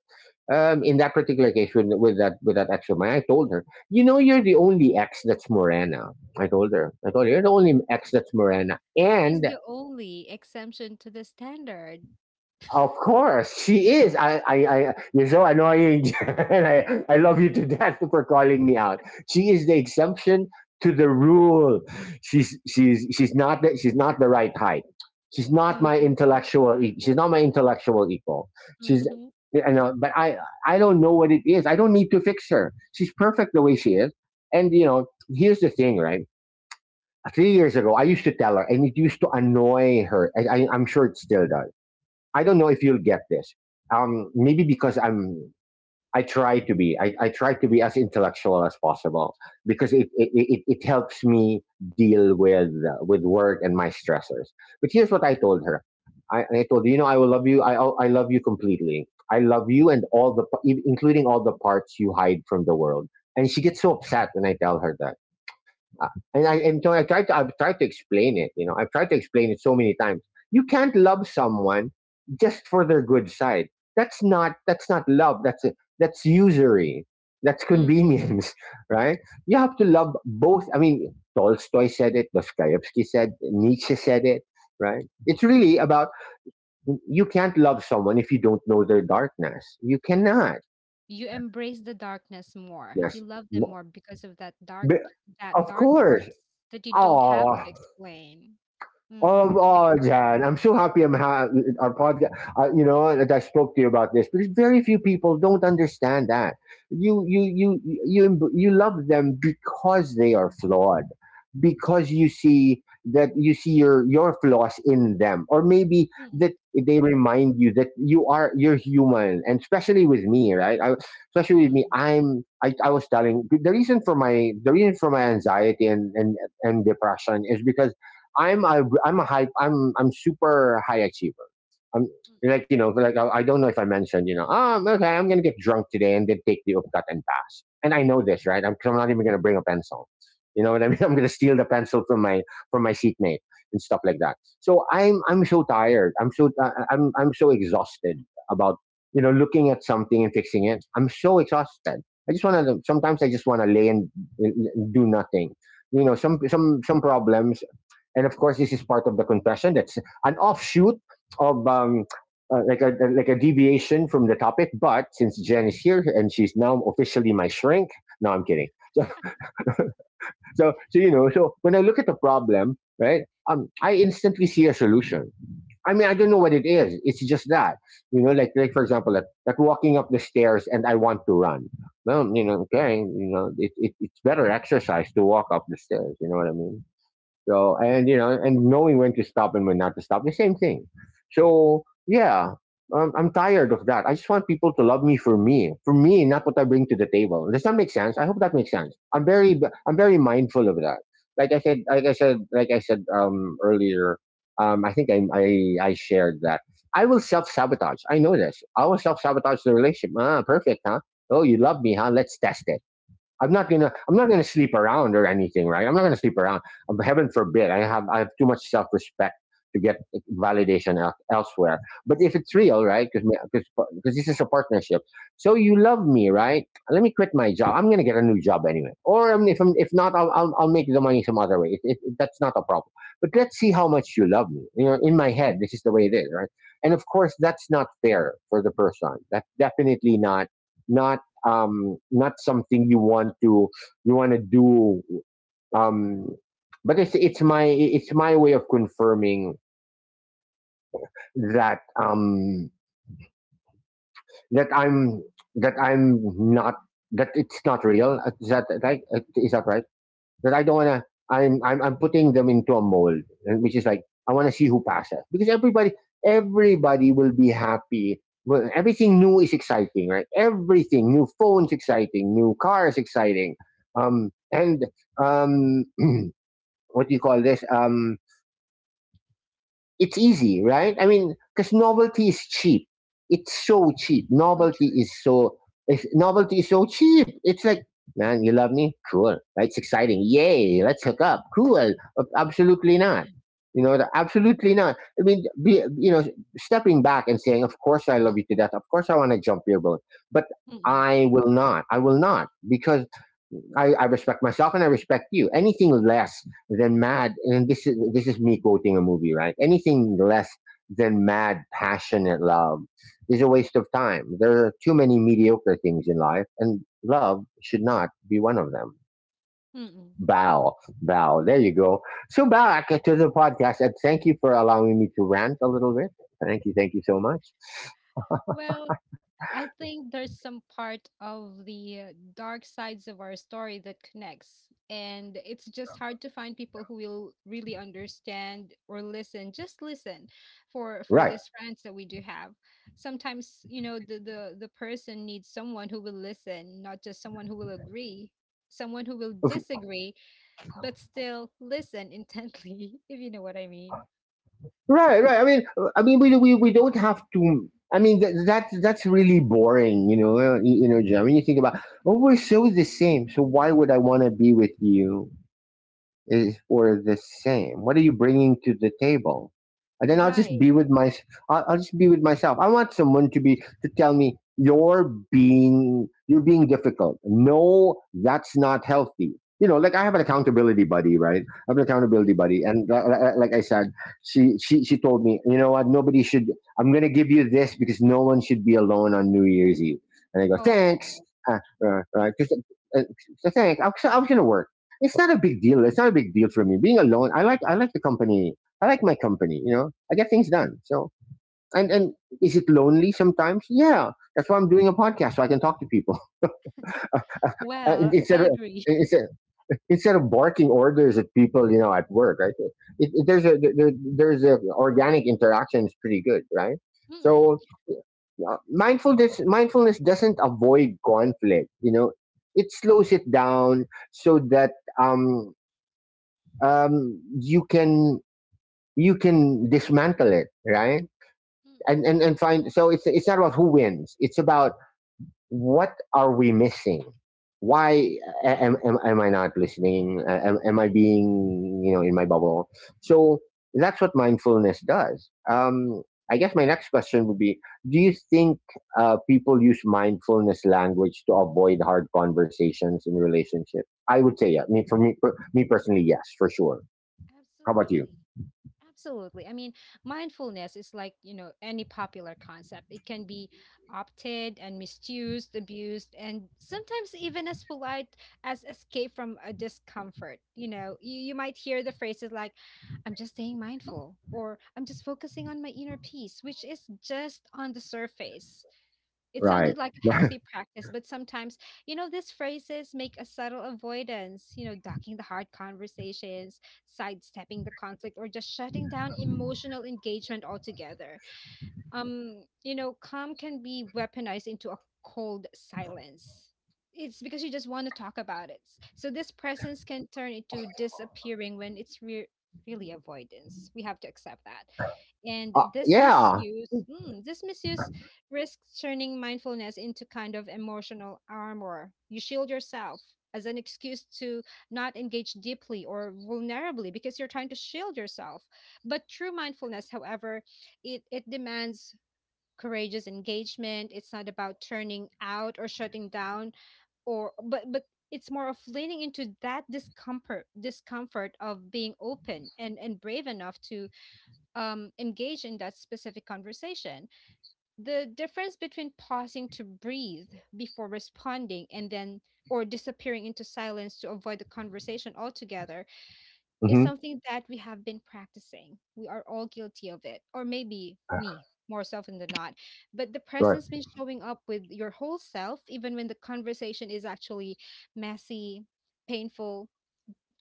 S1: In that particular case, with that ex of mine, I told her, you know, you're the only ex that's Morena. I told her, you're the only ex that's Morena,
S2: She's
S1: and
S2: the only exemption to the standard.
S1: of course, she is. I you're so annoying, <laughs> and I love you to death for calling me out. She is the exception to the rule. She's not she's not the right height. She's not my
S2: Mm-hmm.
S1: intellectual. E- She's not my intellectual equal. She's,
S2: Mm-hmm.
S1: I know, but I don't know what it is. I don't need to fix her. She's perfect the way she is. And you know, here's the thing, right? 3 years ago, I used to tell her, and it used to annoy her. I'm sure it still does. I don't know if you'll get this. Maybe because I'm, I try to be, I try to be as intellectual as possible because it helps me deal with work and my stressors. But here's what I told her. I told her, you know, I will love you. I love you completely. I love you and including all the parts you hide from the world. And she gets so upset when I tell her that. Uh, and so I tried to I've tried to explain it. You know, I've tried to explain it so many times. You can't love someone just for their good side. That's not love. That's usury. That's
S2: Mm-mm.
S1: convenience, <laughs> right? You have to love both. I mean, Tolstoy said it. Dostoevsky said. Nietzsche said it. Right? It's really about you can't love someone if you don't know their darkness. You cannot.
S2: You embrace the darkness more. You
S1: Yes.
S2: love them more because of that
S1: Of
S2: dark
S1: course.
S2: parts that you don't have
S1: Oh.
S2: to explain.
S1: Oh,
S2: Mm.
S1: oh, Jan, I'm so happy our podcast. You know that I spoke to you about this because very few people don't understand that you you you emb- you love them because they are flawed, because you see your flaws in them, or maybe that
S2: Mm.
S1: they remind you that you're human, and especially with me, right? I, especially with me,
S2: Mm.
S1: I was telling the reason for my anxiety and and depression is because. I'm super high achiever. I'm like you know like I don't know if I mentioned you know okay I'm gonna get drunk today and then take the upcut and pass. And I know this right. I'm, 'cause I'm not even gonna bring a pencil. You know what I mean? <laughs> I'm
S2: Mm-hmm.
S1: gonna steal the pencil from my seatmate and stuff like that. So I'm so tired. I'm so I'm so exhausted about you know looking at something and fixing it. I'm so exhausted. I just want to Sometimes I just want to lay and do nothing. You know
S2: Mm.
S1: some problems and of course, this is part of the confession. That's an offshoot of like a deviation from the topic. But since Jen is here and she's now officially my shrink, no, I'm kidding. <laughs> So you know, so when I look at the problem, right? I instantly see a solution. I mean, I don't know what it is. It's just that, you know, like for example, like walking up the stairs and I want to run. Well, you know, okay, you know, it's better exercise to walk up the stairs. You know what I mean? So and you know and knowing when to stop and when not to stop, the same thing. So yeah, I'm tired of that. I just want people to love me for me, for me, not what I bring to the table. Does that make sense? I hope that makes sense. I'm very mindful of that. Like I said earlier. I think I shared that. I will self sabotage. I know this. I will self sabotage the relationship. Ah, perfect, huh? Oh, you love me, huh? Let's test it. I'm not gonna sleep around or anything, right? I'm not gonna sleep around. Heaven forbid. I have too much self respect to get validation el- elsewhere. But if it's
S2: Mm.
S1: real, right? Because this is a partnership. So you love me, right? Let me quit my job. I'm gonna get a new job anyway. Or if I'm, if not, I'll make the money some other way. That's not a problem. But let's see how much you love me. You know, in my head, this is the way it is, right? And of course, that's not fair for the person. That's definitely not not not something you want to do. Um, but it's my way of confirming that that I'm I'm not that it's not real. Is that right? Is that right? That I don't wanna. I'm putting them into a mold, and which is like I want to see who passes because everybody will be happy. Well, everything new is exciting, right? Everything new phones exciting, new cars exciting, and um, <clears throat> what do you call this? It's easy, right? I mean, because novelty is cheap. It's so cheap.
S2: So true.
S1: Novelty is so cheap. It's like, man, you love me? Cool. Right? It's exciting. Yay! Let's hook up. Cool. Ab- Absolutely not. You know, the- absolutely not. I mean, be, you know, stepping back and saying, of course I love you to death. Of course I want to jump your boat, but
S2: Mm-mm.
S1: I will not. I will not because I respect myself and I respect you. Anything less than mad, and this is me quoting a movie, right? Anything less than mad, passionate love is a waste of time. There are too many mediocre things in life, and love should not be one of them.
S2: Mm-mm.
S1: Bow, bow. There you go. So back to the podcast, and thank you for allowing me to rant a little bit. Thank you so much.
S2: Well, I think there's some part of the dark sides of our story that connects, and it's just hard to find people who will really understand or listen, just listen for
S1: Right.
S2: these friends that we do have. Sometimes, you know, the person needs someone who will listen, not just someone who will agree, someone who will disagree, but still listen intently, <laughs> if you know what I mean.
S1: Right, right. I mean, we don't have to. I mean, that's really boring, you know. You, know, John. When you think about, oh, we're so the same. So why would I want to be with you? Is or the same. What are you bringing to the table? And then
S2: Right,
S1: I'll, just be with myself. I want someone to be to tell me you're being difficult. No, that's not healthy. You know, like I have an accountability buddy, right? I have an accountability
S2: right.
S1: buddy, and like I said, she told me, you know what? Nobody should. I'm gonna give you this because no one should be alone on New Year's Eve. And I go, thanks.
S2: Oh,
S1: Uh, right, 'cause, uh, so thanks. I was gonna work it's not a big deal. It's not a big deal for me. Being alone, I like the company. I like my company. You know, I get things done. So and is it lonely sometimes? Yeah, that's why I'm doing a podcast so I can talk to people <laughs> And
S2: well, I
S1: instead of.
S2: agree. <laughs>
S1: Instead, instead of barking orders at people, you know, at work, right? There's there's a organic interaction is pretty good, right?
S2: Mm,
S1: So mindfulness doesn't avoid conflict, you know, it slows it down so that um um, you can you can dismantle it, right?
S2: mm.
S1: And find. So it's not about who wins. It's about what are we missing? Why am I not listening? Am I being, you know, in my bubble? So that's what mindfulness does. I guess my next question would be: do you think people use mindfulness language to avoid hard conversations in relationships? I would say yeah. I mean, for me personally, yes, for sure. How about you?
S2: Absolutely. Absolutely. I mean, mindfulness is like, you know, any popular concept. It can be opted and misused, abused, and sometimes even as polite as escape from a discomfort. You know, you might hear the phrases like, I'm just staying mindful, or I'm just focusing on my inner peace, which is just on the surface. It sounded
S1: Right.
S2: like a healthy
S1: Right.
S2: practice, but sometimes, you know, these phrases make a subtle avoidance, you know, ducking the hard conversations, sidestepping the conflict, or just shutting down emotional engagement altogether. You know, calm can be weaponized into a cold silence. It's because you just want to talk about it. So this presence can turn into disappearing when really avoidance. We have to accept that.
S1: <laughs>
S2: And this
S1: Yeah.
S2: misuse, this misuse risks turning mindfulness into kind of emotional armor. You shield yourself as an excuse to not engage deeply or vulnerably because you're trying to shield yourself. But true mindfulness, however, it demands courageous engagement. It's not about turning out or shutting down or but it's more of leaning into that discomfort of being open and brave enough to engage in that specific conversation. The difference between pausing to breathe before responding and then or disappearing into silence to avoid the conversation altogether is
S1: Hmm.
S2: something that we have been practicing. We are all guilty of it, or maybe me more often than not. But the
S1: Right.
S2: presence means showing up with your whole self, even when the conversation is actually messy, painful.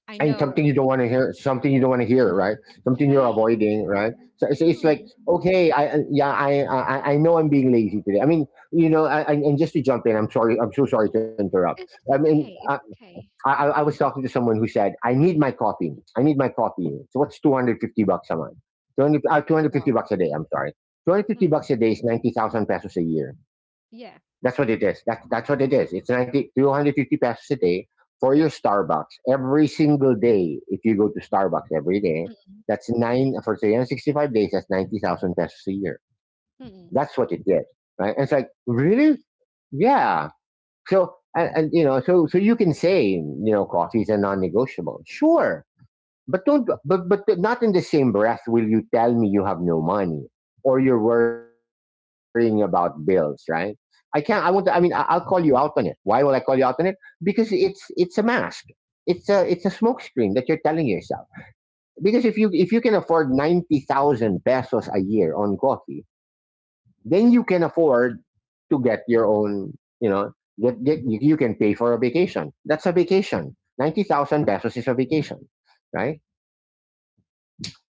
S2: I
S1: And
S2: know.
S1: something you don't want to hear, something you don't want to hear, right? Something you're
S2: Right.
S1: avoiding, right? So, so it's like,
S2: Mm.
S1: okay, yeah, I know I'm being lazy today. I mean, you know, and just to jump in, I'm sorry, I'm so sorry to interrupt.
S2: And
S1: I
S2: that's
S1: mean,
S2: okay. It's okay.
S1: I was talking to someone who said, I need my coffee. I need my coffee. So what's 250 bucks a month? 200, 250
S2: Wow.
S1: bucks a day. I'm sorry. 250
S2: Mm.
S1: bucks a day is 90,000 pesos a year.
S2: Yeah.
S1: That's what it is. That's what it is. It's 90, 250 pesos a day for your Starbucks every single day. If you go to Starbucks every day,
S2: Mm,
S1: that's nine for 365 days. That's 90,000 pesos a year.
S2: mm,
S1: That's what it is, right? And it's like really, yeah. So and you know, so so you can say, you know, coffee is a non-negotiable. Sure, but but not in the same breath will you tell me you have no money or you're worrying about bills, right? I won't, I mean, I, I'll call you out on it. Why will I call you out on it? Because it's a mask. It's a smoke screen that you're telling yourself. Because if you can afford 90,000 pesos a year on coffee, then you can afford to get your own, you know, you you can pay for a vacation. That's a vacation. 90,000 pesos is a vacation, right?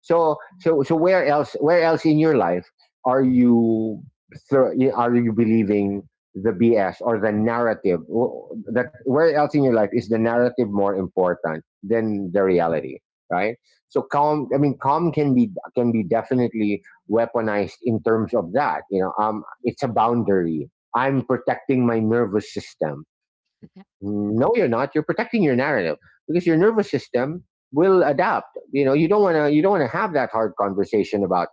S1: So so so where else in your life are you are you believing the BS or the narrative? Wh- That where else in your life is the narrative more important than the reality? Right. So calm. I mean, calm can be definitely weaponized in terms of that. You know, it's a
S2: mm.
S1: boundary. I'm protecting my nervous system.
S2: Ay,
S1: No, you're not. You're protecting your narrative because your nervous system will adapt. You know, you don't want to. You don't want to have that hard conversation about.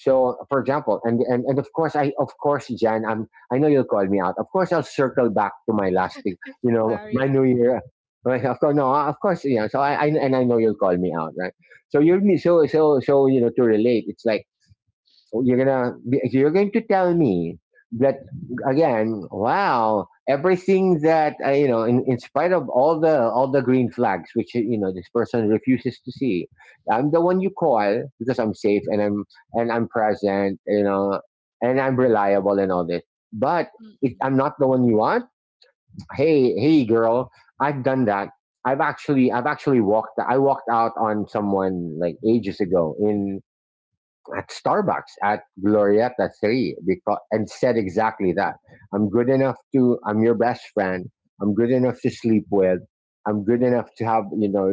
S1: So, for example,
S2: <laughs>
S1: and of course, Jan, I'm. I know you'll call me out. Of course, I'll circle back to my last thing. You know, my
S2: Sorry.
S1: New Year. <laughs> Right, of course, no, of course, yeah. So I and I know you'll call me out, right? So you're me. So so so you know, to relate. It's like, oh, you're going to tell me that again. Wow, everything that you know, in spite of all the green flags, which you know this person refuses to see, I'm the one you call because I'm safe and I'm present, you know, and I'm reliable and all this. But
S2: Mm,
S1: if
S2: mm.
S1: I'm not the one you want, hey, hey, girl, I've done that. I've actually walked I walked out on someone like ages ago in at Starbucks at Glorieta Three because and said exactly that. I'm your best friend. I'm good enough to sleep with. I'm good enough to have, you know,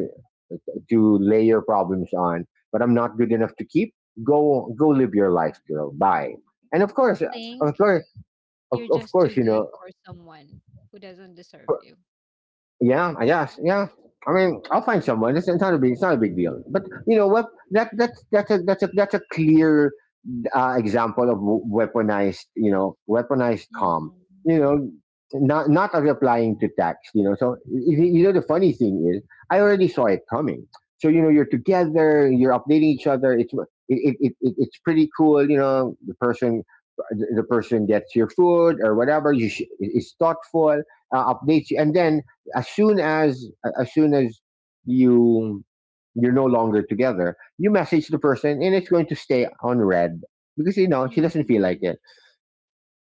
S1: to lay your problems on, but I'm not good enough to keep. Go go live your life, girl. Bye. And of
S2: I
S1: course,
S2: think
S1: of course,
S2: you're
S1: of
S2: just too
S1: course, you
S2: good
S1: know,
S2: for someone who doesn't deserve you.
S1: yeah, I guess, yeah. I mean, I'll find someone. It's not a big deal. But you know what? That's a clear example of weaponized, you know, weaponized calm.
S2: Mm-mm.
S1: You know, not not replying to text. You know, so you know the funny thing is, I already saw it coming. So you know, you're together, you're updating each other. It's it, it, it it- it's pretty cool. You know, the person gets your food or whatever. Is thoughtful, updates you, and then as soon as as soon as you you're no longer together, you message the person and it's going to stay on red because you know she doesn't feel like
S2: Mm-mm.
S1: it.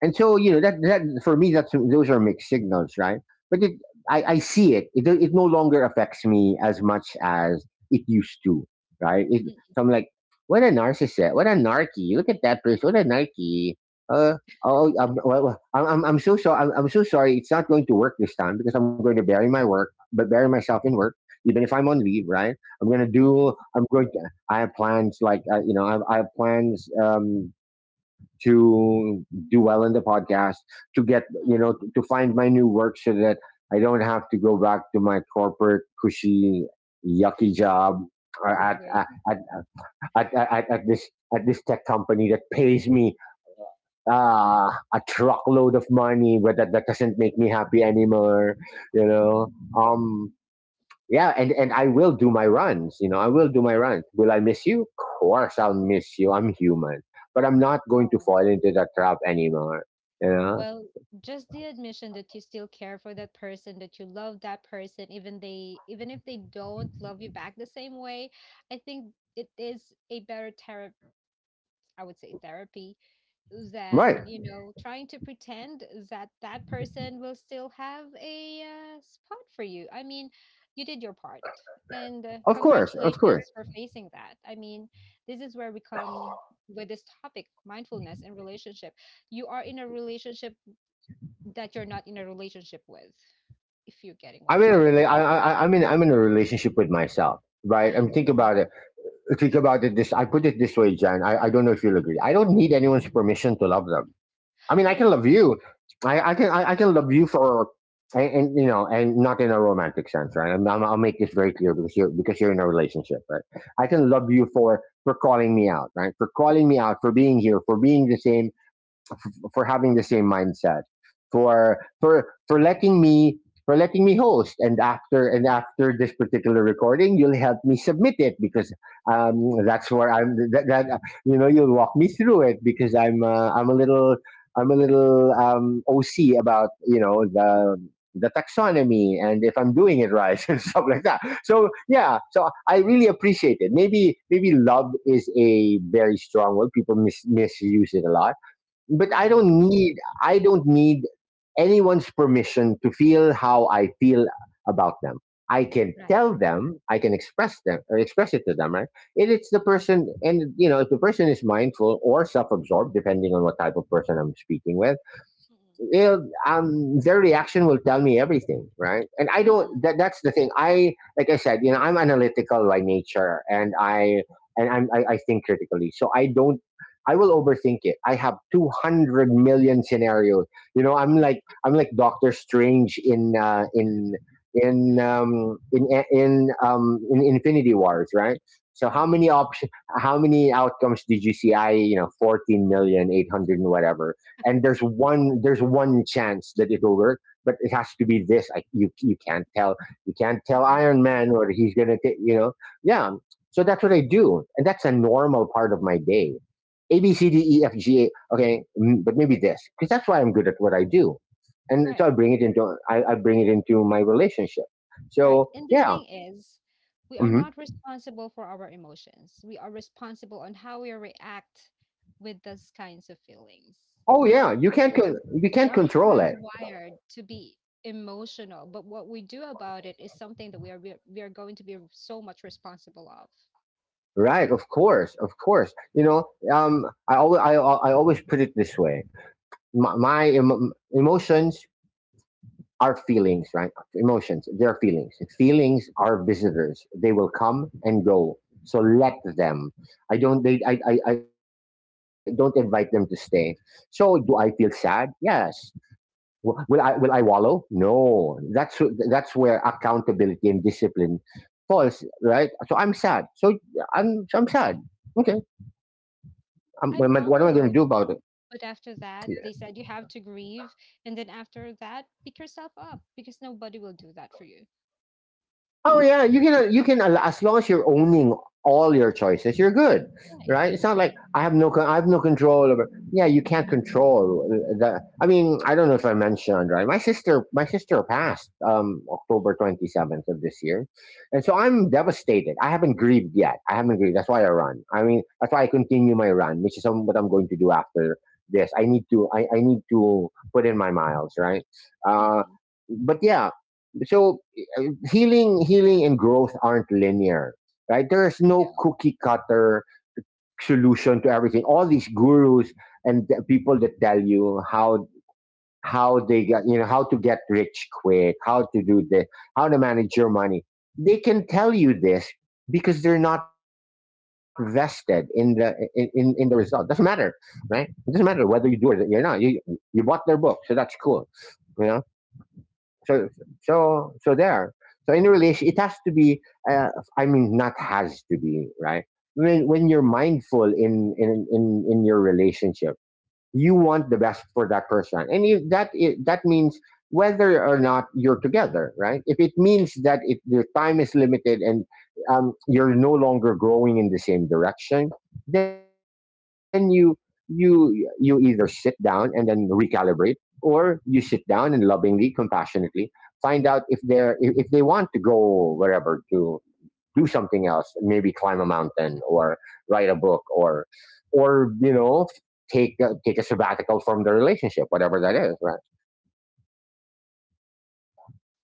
S1: And so you know that that for me that's those are mixed signals, right? But I see it. It. It no longer affects me as much as it used to, right?
S2: Mm-mm.
S1: So I'm like, what a narcissist, what a narky. Look at that person, what a narky. Uh, oh, well, I'm so sorry. I'm so sorry. It's not going to work this time because I'm going to bury my work, but bury myself in work. Even if I'm on leave, right? I'm gonna do.
S2: Mm-mm.
S1: I'm going to. I have plans like you know. I have plans to do well in the podcast, to get, you
S2: Mm-mm.
S1: know, to find my new work so that I don't have to go back to my corporate cushy, yucky job uh, at,
S2: Always.
S1: at, at this tech company that pays me a truckload of money, but that doesn't make me happy anymore. You
S2: Oh,
S1: know, um, yeah, and I will do my runs, you know, I will do my runs. Will I miss you? Of course I'll miss you, I'm human. But I'm not going to fall
S2: oh.
S1: into that trap anymore, you know.
S2: Well, just the admission that you still care for that person, that you love that person, even if they don't love you back the same way, I think it is a better therapy, I would say therapy than,
S1: Right,
S2: you know, trying to pretend that that person will still have a spot for you. I mean, you did your part. And
S1: of course, of course.
S2: congratulations for facing that. I mean, this is where we come with this topic mindfulness and relationship. You are in a relationship that you're not in a relationship with, if you're getting what I mean.
S1: I- am in I'm in a relationship with myself, right? I'm think about
S2: Mm-mm.
S1: it. Think about it this, I put it this way, Jan. I don't know if you'll agree, I don't need anyone's permission to love them. I mean, I can
S2: Right,
S1: love you. I can love you for and, you know, and not in a romantic sense, right? I'll make this very clear because you're in a relationship, right? I can love you for calling me out, right? For calling me out, for being here, for being the same, for having the same mindset, for for for letting me for letting me host. And after this particular recording, you'll help me submit it because um, that's where I'm. That you know, you'll walk me through it because I'm I'm a little OC about, you know, the taxonomy and if I'm doing it right <laughs> and stuff like that. So yeah, so I really appreciate it. Maybe maybe love is a very strong word. People misuse it a lot, but
S2: right,
S1: I don't need anyone's permission to feel how I feel about them. I can
S2: right. Right.
S1: tell them, I can express them or express it to them, right? And it's the person, and you know, if the person is mindful or self absorbed, depending on what type of person I'm speaking with, it'll, their reaction will tell me everything, right? And I
S2: Mm-mm.
S1: don't.
S2: Mm-mm.
S1: That, that's the thing. I, like I said, you know, I'm analytical by nature, and I I think critically. So I don't. I will overthink it. I have 200 million scenarios. You know, I'm like Doctor Strange in in Infinity Wars, right? So how
S2: Mm-mm.
S1: many options? How many outcomes did you see? I, you know, fourteen million eight hundred and whatever, and there's one chance that it'll work, but it has to be this. I, you can't tell, you can't tell
S2: Mm-mm.
S1: Iron Man or he's gonna take, you know. Yeah, so that's what I do, and that's a normal part of my day. A, B, C, D, E, F, G, A, okay, but maybe this, because that's why I'm good at what I do. And so I
S2: Right.
S1: bring it into, I bring it into my relationship,
S2: Right.
S1: so
S2: And the
S1: yeah.
S2: thing is, we are
S1: Hmm.
S2: not responsible for our emotions. We are responsible on how we react with those kinds of feelings.
S1: Oh
S2: We
S1: yeah,
S2: are
S1: you can't con-
S2: em-
S1: we
S2: we
S1: can't
S2: are
S1: control it.
S2: hardwired to be emotional, but what we do about it is something that we are going to be so much responsible of.
S1: Right, of course, of course, you know. I always, I always put it this way: my emotions are feelings, right? Emotions, they're feelings. Feelings are visitors, they will come and go, so let them. I don't they, I don't invite them to stay. So do I feel sad? Yes. Will I, will I wallow? No. That's where accountability and discipline falls, right? So I'm sad. So I'm sad. Okay.
S2: I
S1: What am I going to do
S2: wallowed,
S1: about it?
S2: but after that, they said you have to grieve, and then after that, pick yourself up because nobody will do that for you.
S1: Oh yeah, you can you can, as long as you're owning all your choices, you're good,
S2: Right.
S1: right? It's not
S2: Mm-mm.
S1: like I have I have no control over. Yeah, you can't control the. I mean, I don't know if I mentioned, right? My sister passed October 27th of this year, and so I'm devastated. I haven't grieved yet. I haven't grieved. That's why I run. I mean, that's why I continue my run, which is what I'm going to do after this. I need to, I need to put in my miles, right? Uh,
S2: Mm-mm.
S1: but yeah, so uh, healing and growth aren't linear, right? There's no
S2: No.
S1: cookie cutter solution to everything. All these gurus and the people that tell you how they got, you know, how to get rich quick, how to do this, how to manage your money, they can tell you this because they're not vested in the in the. Result doesn't matter, right? It doesn't matter whether you do or you're not. You, you bought their book, so that's cool, you know? So so so there so in a relation it has to be, uh, I mean, not has to be, right? When you're mindful in in your relationship, you want the best for that person. And if that that means, whether or not you're together, right? If it means that if your time is limited and you're no longer growing in the same direction, then you, you either sit down and then recalibrate, or you sit down and lovingly, compassionately find out if they're, if they want to go wherever, to do something else, maybe climb a mountain, or write a book, or, you know, take a sabbatical from the relationship, whatever that is, right?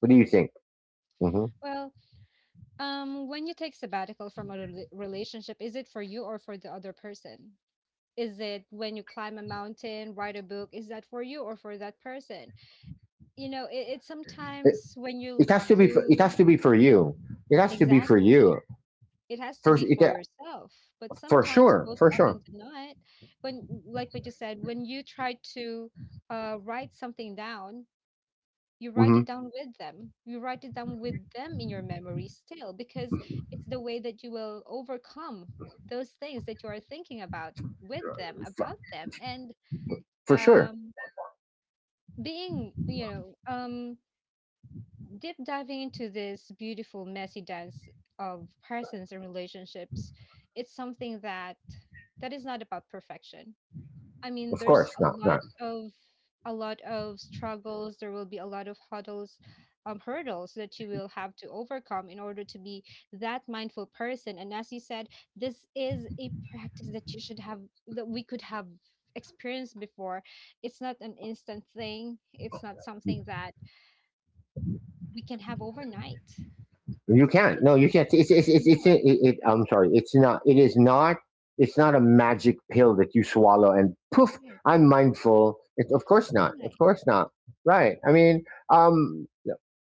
S1: What do you
S2: Mm-mm.
S1: think? Mm-hmm.
S2: Well, when you take sabbatical from a relationship, is it for you or for the other person? Is it when you climb a mountain, write a book? Is that for you or for that person? You know, it's
S1: It,
S2: sometimes when
S1: it
S2: you
S1: has to be. It
S2: do
S1: has to be for you. It has to be for
S2: exactly,
S1: you.
S2: it has to
S1: For
S2: be for
S1: it,
S2: yourself. But
S1: for
S2: sometimes,
S1: sure.
S2: most
S1: For sure.
S2: often than not, when, like what you said, when you try to write something down, you write
S1: Mm-hmm.
S2: it down with them. You write it down with them in your memory still, because it's the way that you will overcome those things that you are thinking about with them,
S1: For,
S2: about them. And
S1: for sure.
S2: um, being, you know, deep diving into this beautiful, messy dance of persons and relationships, it's something that is not about perfection. I mean,
S1: Of
S2: there's
S1: course. No. No.
S2: a lot of struggles. There will be a lot of huddles, hurdles that you will have to overcome in order to be that mindful person. And as you said, this is a practice that you should have that we could have experienced before. It's not an instant thing. It's not something that we can have overnight.
S1: You can't.
S2: It,
S1: No, you can't. It's it's it's, it's
S2: no,
S1: it, it, I'm sorry. It's not. It is not. It's not a magic pill that you swallow and poof.
S2: right,
S1: I'm mindful. Of course not. Of
S2: right.
S1: course not. Right. I mean, um,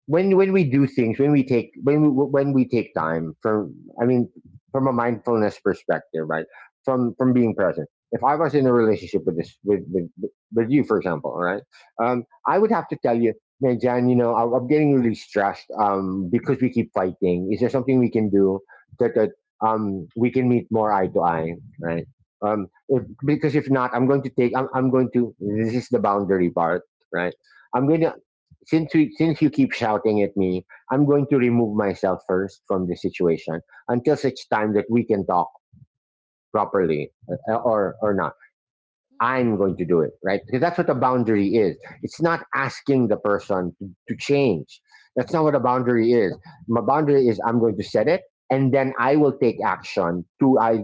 S1: when we do things, when we take, when we take time from. I mean, from a mindfulness perspective, right? From being present. If I was in a relationship with this with you, for example, all right, I would have to tell you, Man, Jan, you know, I'm getting really stressed because we keep fighting. Is there something we can do that, that we can meet more eye to eye, right? If, because if not, I'm going to take. I'm going to. This is the boundary part, right? I'm going to. Since you keep shouting at me, I'm going to remove myself first from the situation until such time that we can talk properly, or not.
S2: Mm-mm.
S1: I'm going to do it, right? Because that's what a boundary is. It's not asking the person to change. That's not what a boundary is. My boundary is I'm going to set it, and then I will take action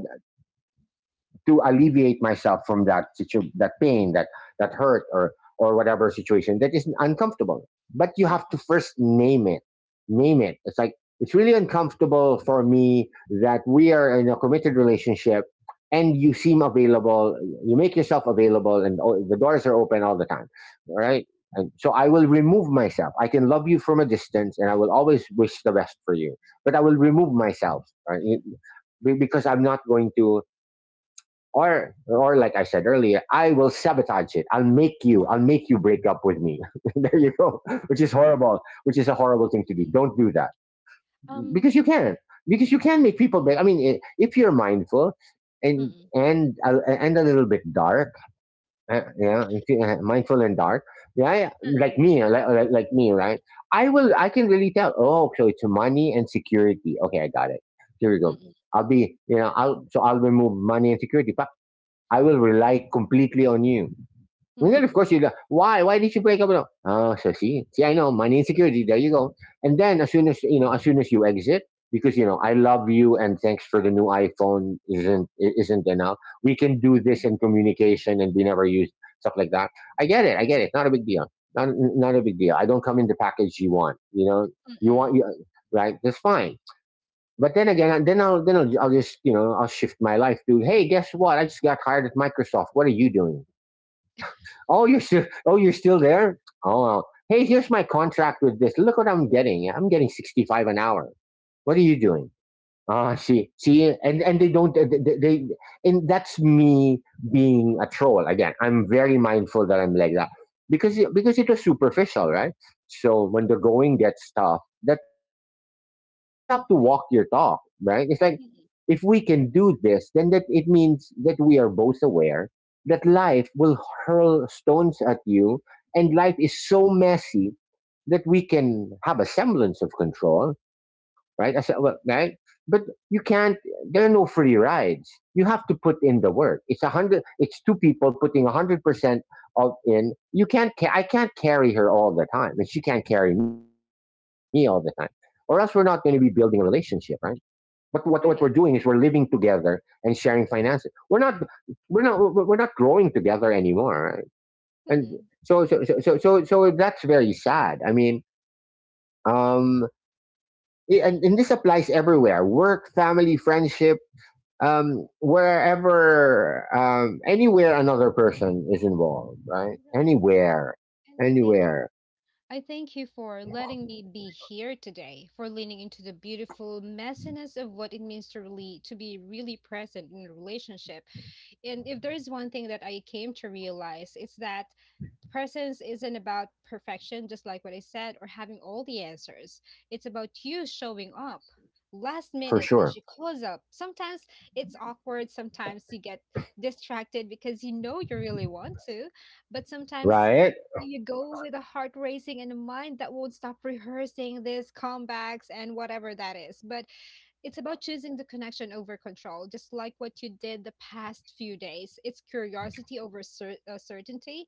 S1: to alleviate myself from that pain, that hurt, or whatever situation that is uncomfortable. But you have to
S2: Mm.
S1: first name it. Name it. It's like, it's really uncomfortable for me that we are in a committed relationship and you seem available, you make yourself available, and the doors are open all the time, all right? And so I will remove myself. I can love you from a distance, and I will always wish the best for you, but I will remove
S2: Aw.
S1: myself, right? Because I'm not going to, or like I said earlier, I will sabotage it. I'll make you. I'll make you break up with me. <laughs> There you go. Which is horrible. Which is a horrible thing to do.
S2: Mm-mm.
S1: Don't do that,
S2: Um.
S1: because you can. Because you can make people break. I mean, if you're mindful and
S2: Mm-mm.
S1: and a little bit dark, yeah, if you, mindful and dark, yeah, yeah, like me, like, like me, right? I will. I can really tell. Oh, so it's money and security. Okay, I got it. Here we go.
S2: Mm-mm.
S1: I'll be, you know, I'll, so I'll remove money and security. I will rely completely on you. And then, of
S2: Mm-mm.
S1: course, you like, why? Why did you break up? With. Oh, so see, see, I know money insecurity. There you go. And then, as soon as you know, as soon as you exit, because you know, I love you, and thanks for the new iPhone isn't enough. We can do this in communication, and we never use stuff like that. I get it. I get
S2: Mm-mm.
S1: it. Not a big deal. Not, not a big deal. I don't come in the package you want. You know, you want you,
S2: Mm-mm.
S1: right. That's fine. But then again, I'll just, you know, I'll shift my life to, hey, guess what? I just got hired at Microsoft. What are you doing? Oh, you're still, oh you're still there. Oh, well, hey, here's my contract with this. Look what I'm getting. I'm getting 65 an hour. What are you doing? Ah, see, see, and they don't. And that's me being a troll again. I'm very mindful that I'm like that because
S2: Mm-mm.
S1: because it was superficial, right? So when the going gets tough, the tough get going. You have to
S2: Right.
S1: walk your talk, right? It's like,
S2: Mm-mm.
S1: if we can do this, then that it means that we are both aware that life will hurl stones at you, and life is so messy that we can have a semblance of control, right? I said, well, right? But you can't. There are no free rides. You have to put in the work. It's a hundred. It's two people putting 100% of in. You can't. I can't carry her all the time, and she can't carry me all the time, or else we're not going to be building a relationship, right? What we're doing is
S2: Right.
S1: we're living together and sharing finances. We're not, we're not growing together anymore, right? And
S2: Mm-mm.
S1: so that's very sad. I mean, um, and this applies everywhere: work, family, friendship, wherever, anywhere another person is involved, right?
S2: Right.
S1: Anywhere,
S2: And I thank you.
S1: anywhere,
S2: I thank you for letting me be here today, for leaning into the beautiful messiness of what it means to really to be really present in a relationship. And if there is one thing that I came to realize, it's that presence isn't about perfection, just like what I said, or having all the answers. It's about you showing up last
S1: for
S2: minute when
S1: sure.
S2: she calls up. Sometimes it's awkward, sometimes you get distracted because you know you really want to, but sometimes
S1: Right.
S2: you go with a heart racing and a mind that won't stop rehearsing these comebacks and whatever that is. But it's about choosing the connection over control, just like what you did the past few days. It's curiosity over certainty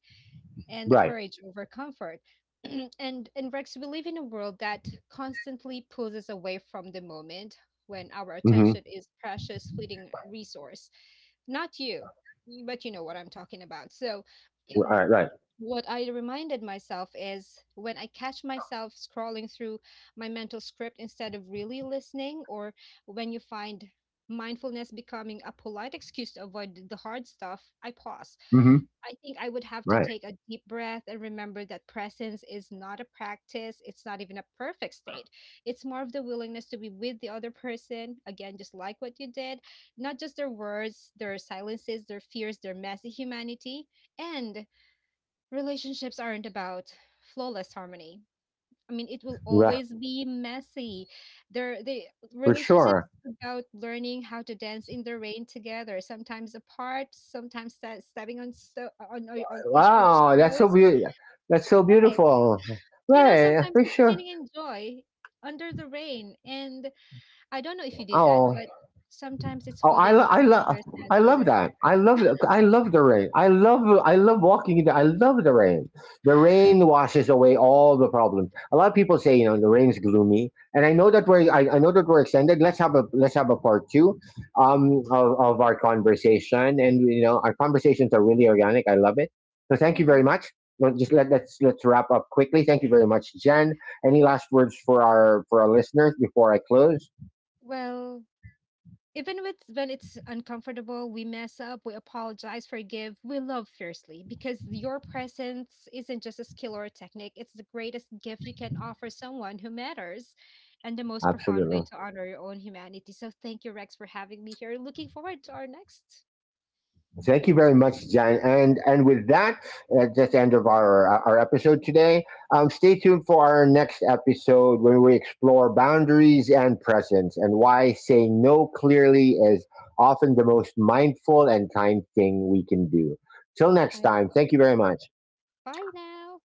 S2: and the
S1: Right.
S2: courage over comfort. <clears throat> And Rex, we live in a world that constantly pulls us away from the moment when our
S1: Mm-hmm.
S2: attention is precious, fleeting resource. Not you, but you know what I'm talking about. So, <clears throat>
S1: All right. Right.
S2: what I reminded myself is when I catch myself scrolling through my mental script instead of really listening, or when you find mindfulness becoming a polite excuse to avoid the hard stuff, I pause.
S1: Mm-hmm.
S2: I think I would have to
S1: Right.
S2: take a deep breath and remember that presence is not a practice. It's not even a perfect state. It's more of the willingness to be with the other person. Again, just like what you did, not just their words, their silences, their fears, their messy humanity. And relationships aren't about flawless harmony. I mean, it will
S1: Right,
S2: always be messy. There, the
S1: for sure.
S2: Relationships about learning how to dance in the rain together, sometimes apart, sometimes sta stepping on on each other's
S1: Wow, that's so
S2: toes.
S1: beautiful. That's so
S2: Right.
S1: beautiful.
S2: You know,
S1: Right,
S2: sometimes
S1: for
S2: it's
S1: sure.
S2: spinning in joy under the rain. And I don't know if you did that,
S1: Oh.
S2: but sometimes it's
S1: Oh, I
S2: holding
S1: I
S2: each
S1: love,
S2: other's hand
S1: I
S2: through the
S1: love that.
S2: thunder.
S1: I love it. I love the rain. I love, I love walking in the. I love the rain. The rain washes away all the problems. A lot of people say, you know, the rain's gloomy, and I know that we're, I know that we're extended. Let's have a part 2, of our conversation, and you know our conversations are really organic. I love it. So thank you very
S2: Mm-mm.
S1: much. Well, just let's wrap up quickly. Thank you very much, Jen. Any last words for our, for our listeners before I close?
S2: Well, even with when it's uncomfortable, we mess up, we apologize, forgive, we love fiercely because your presence isn't just a skill or a technique, it's the greatest gift you can offer someone who matters and the most profound way
S1: Absolutely.
S2: to honor your own humanity. So thank you, Rex, for having me here. Looking forward to our next.
S1: Thank you very much, Jen. And with that, that's the end of our episode today. Stay tuned for our next episode when we explore boundaries and presence, and why saying no clearly is often the most mindful and kind thing we can do. Till next
S2: I,
S1: time, thank you very much.
S2: Bye now.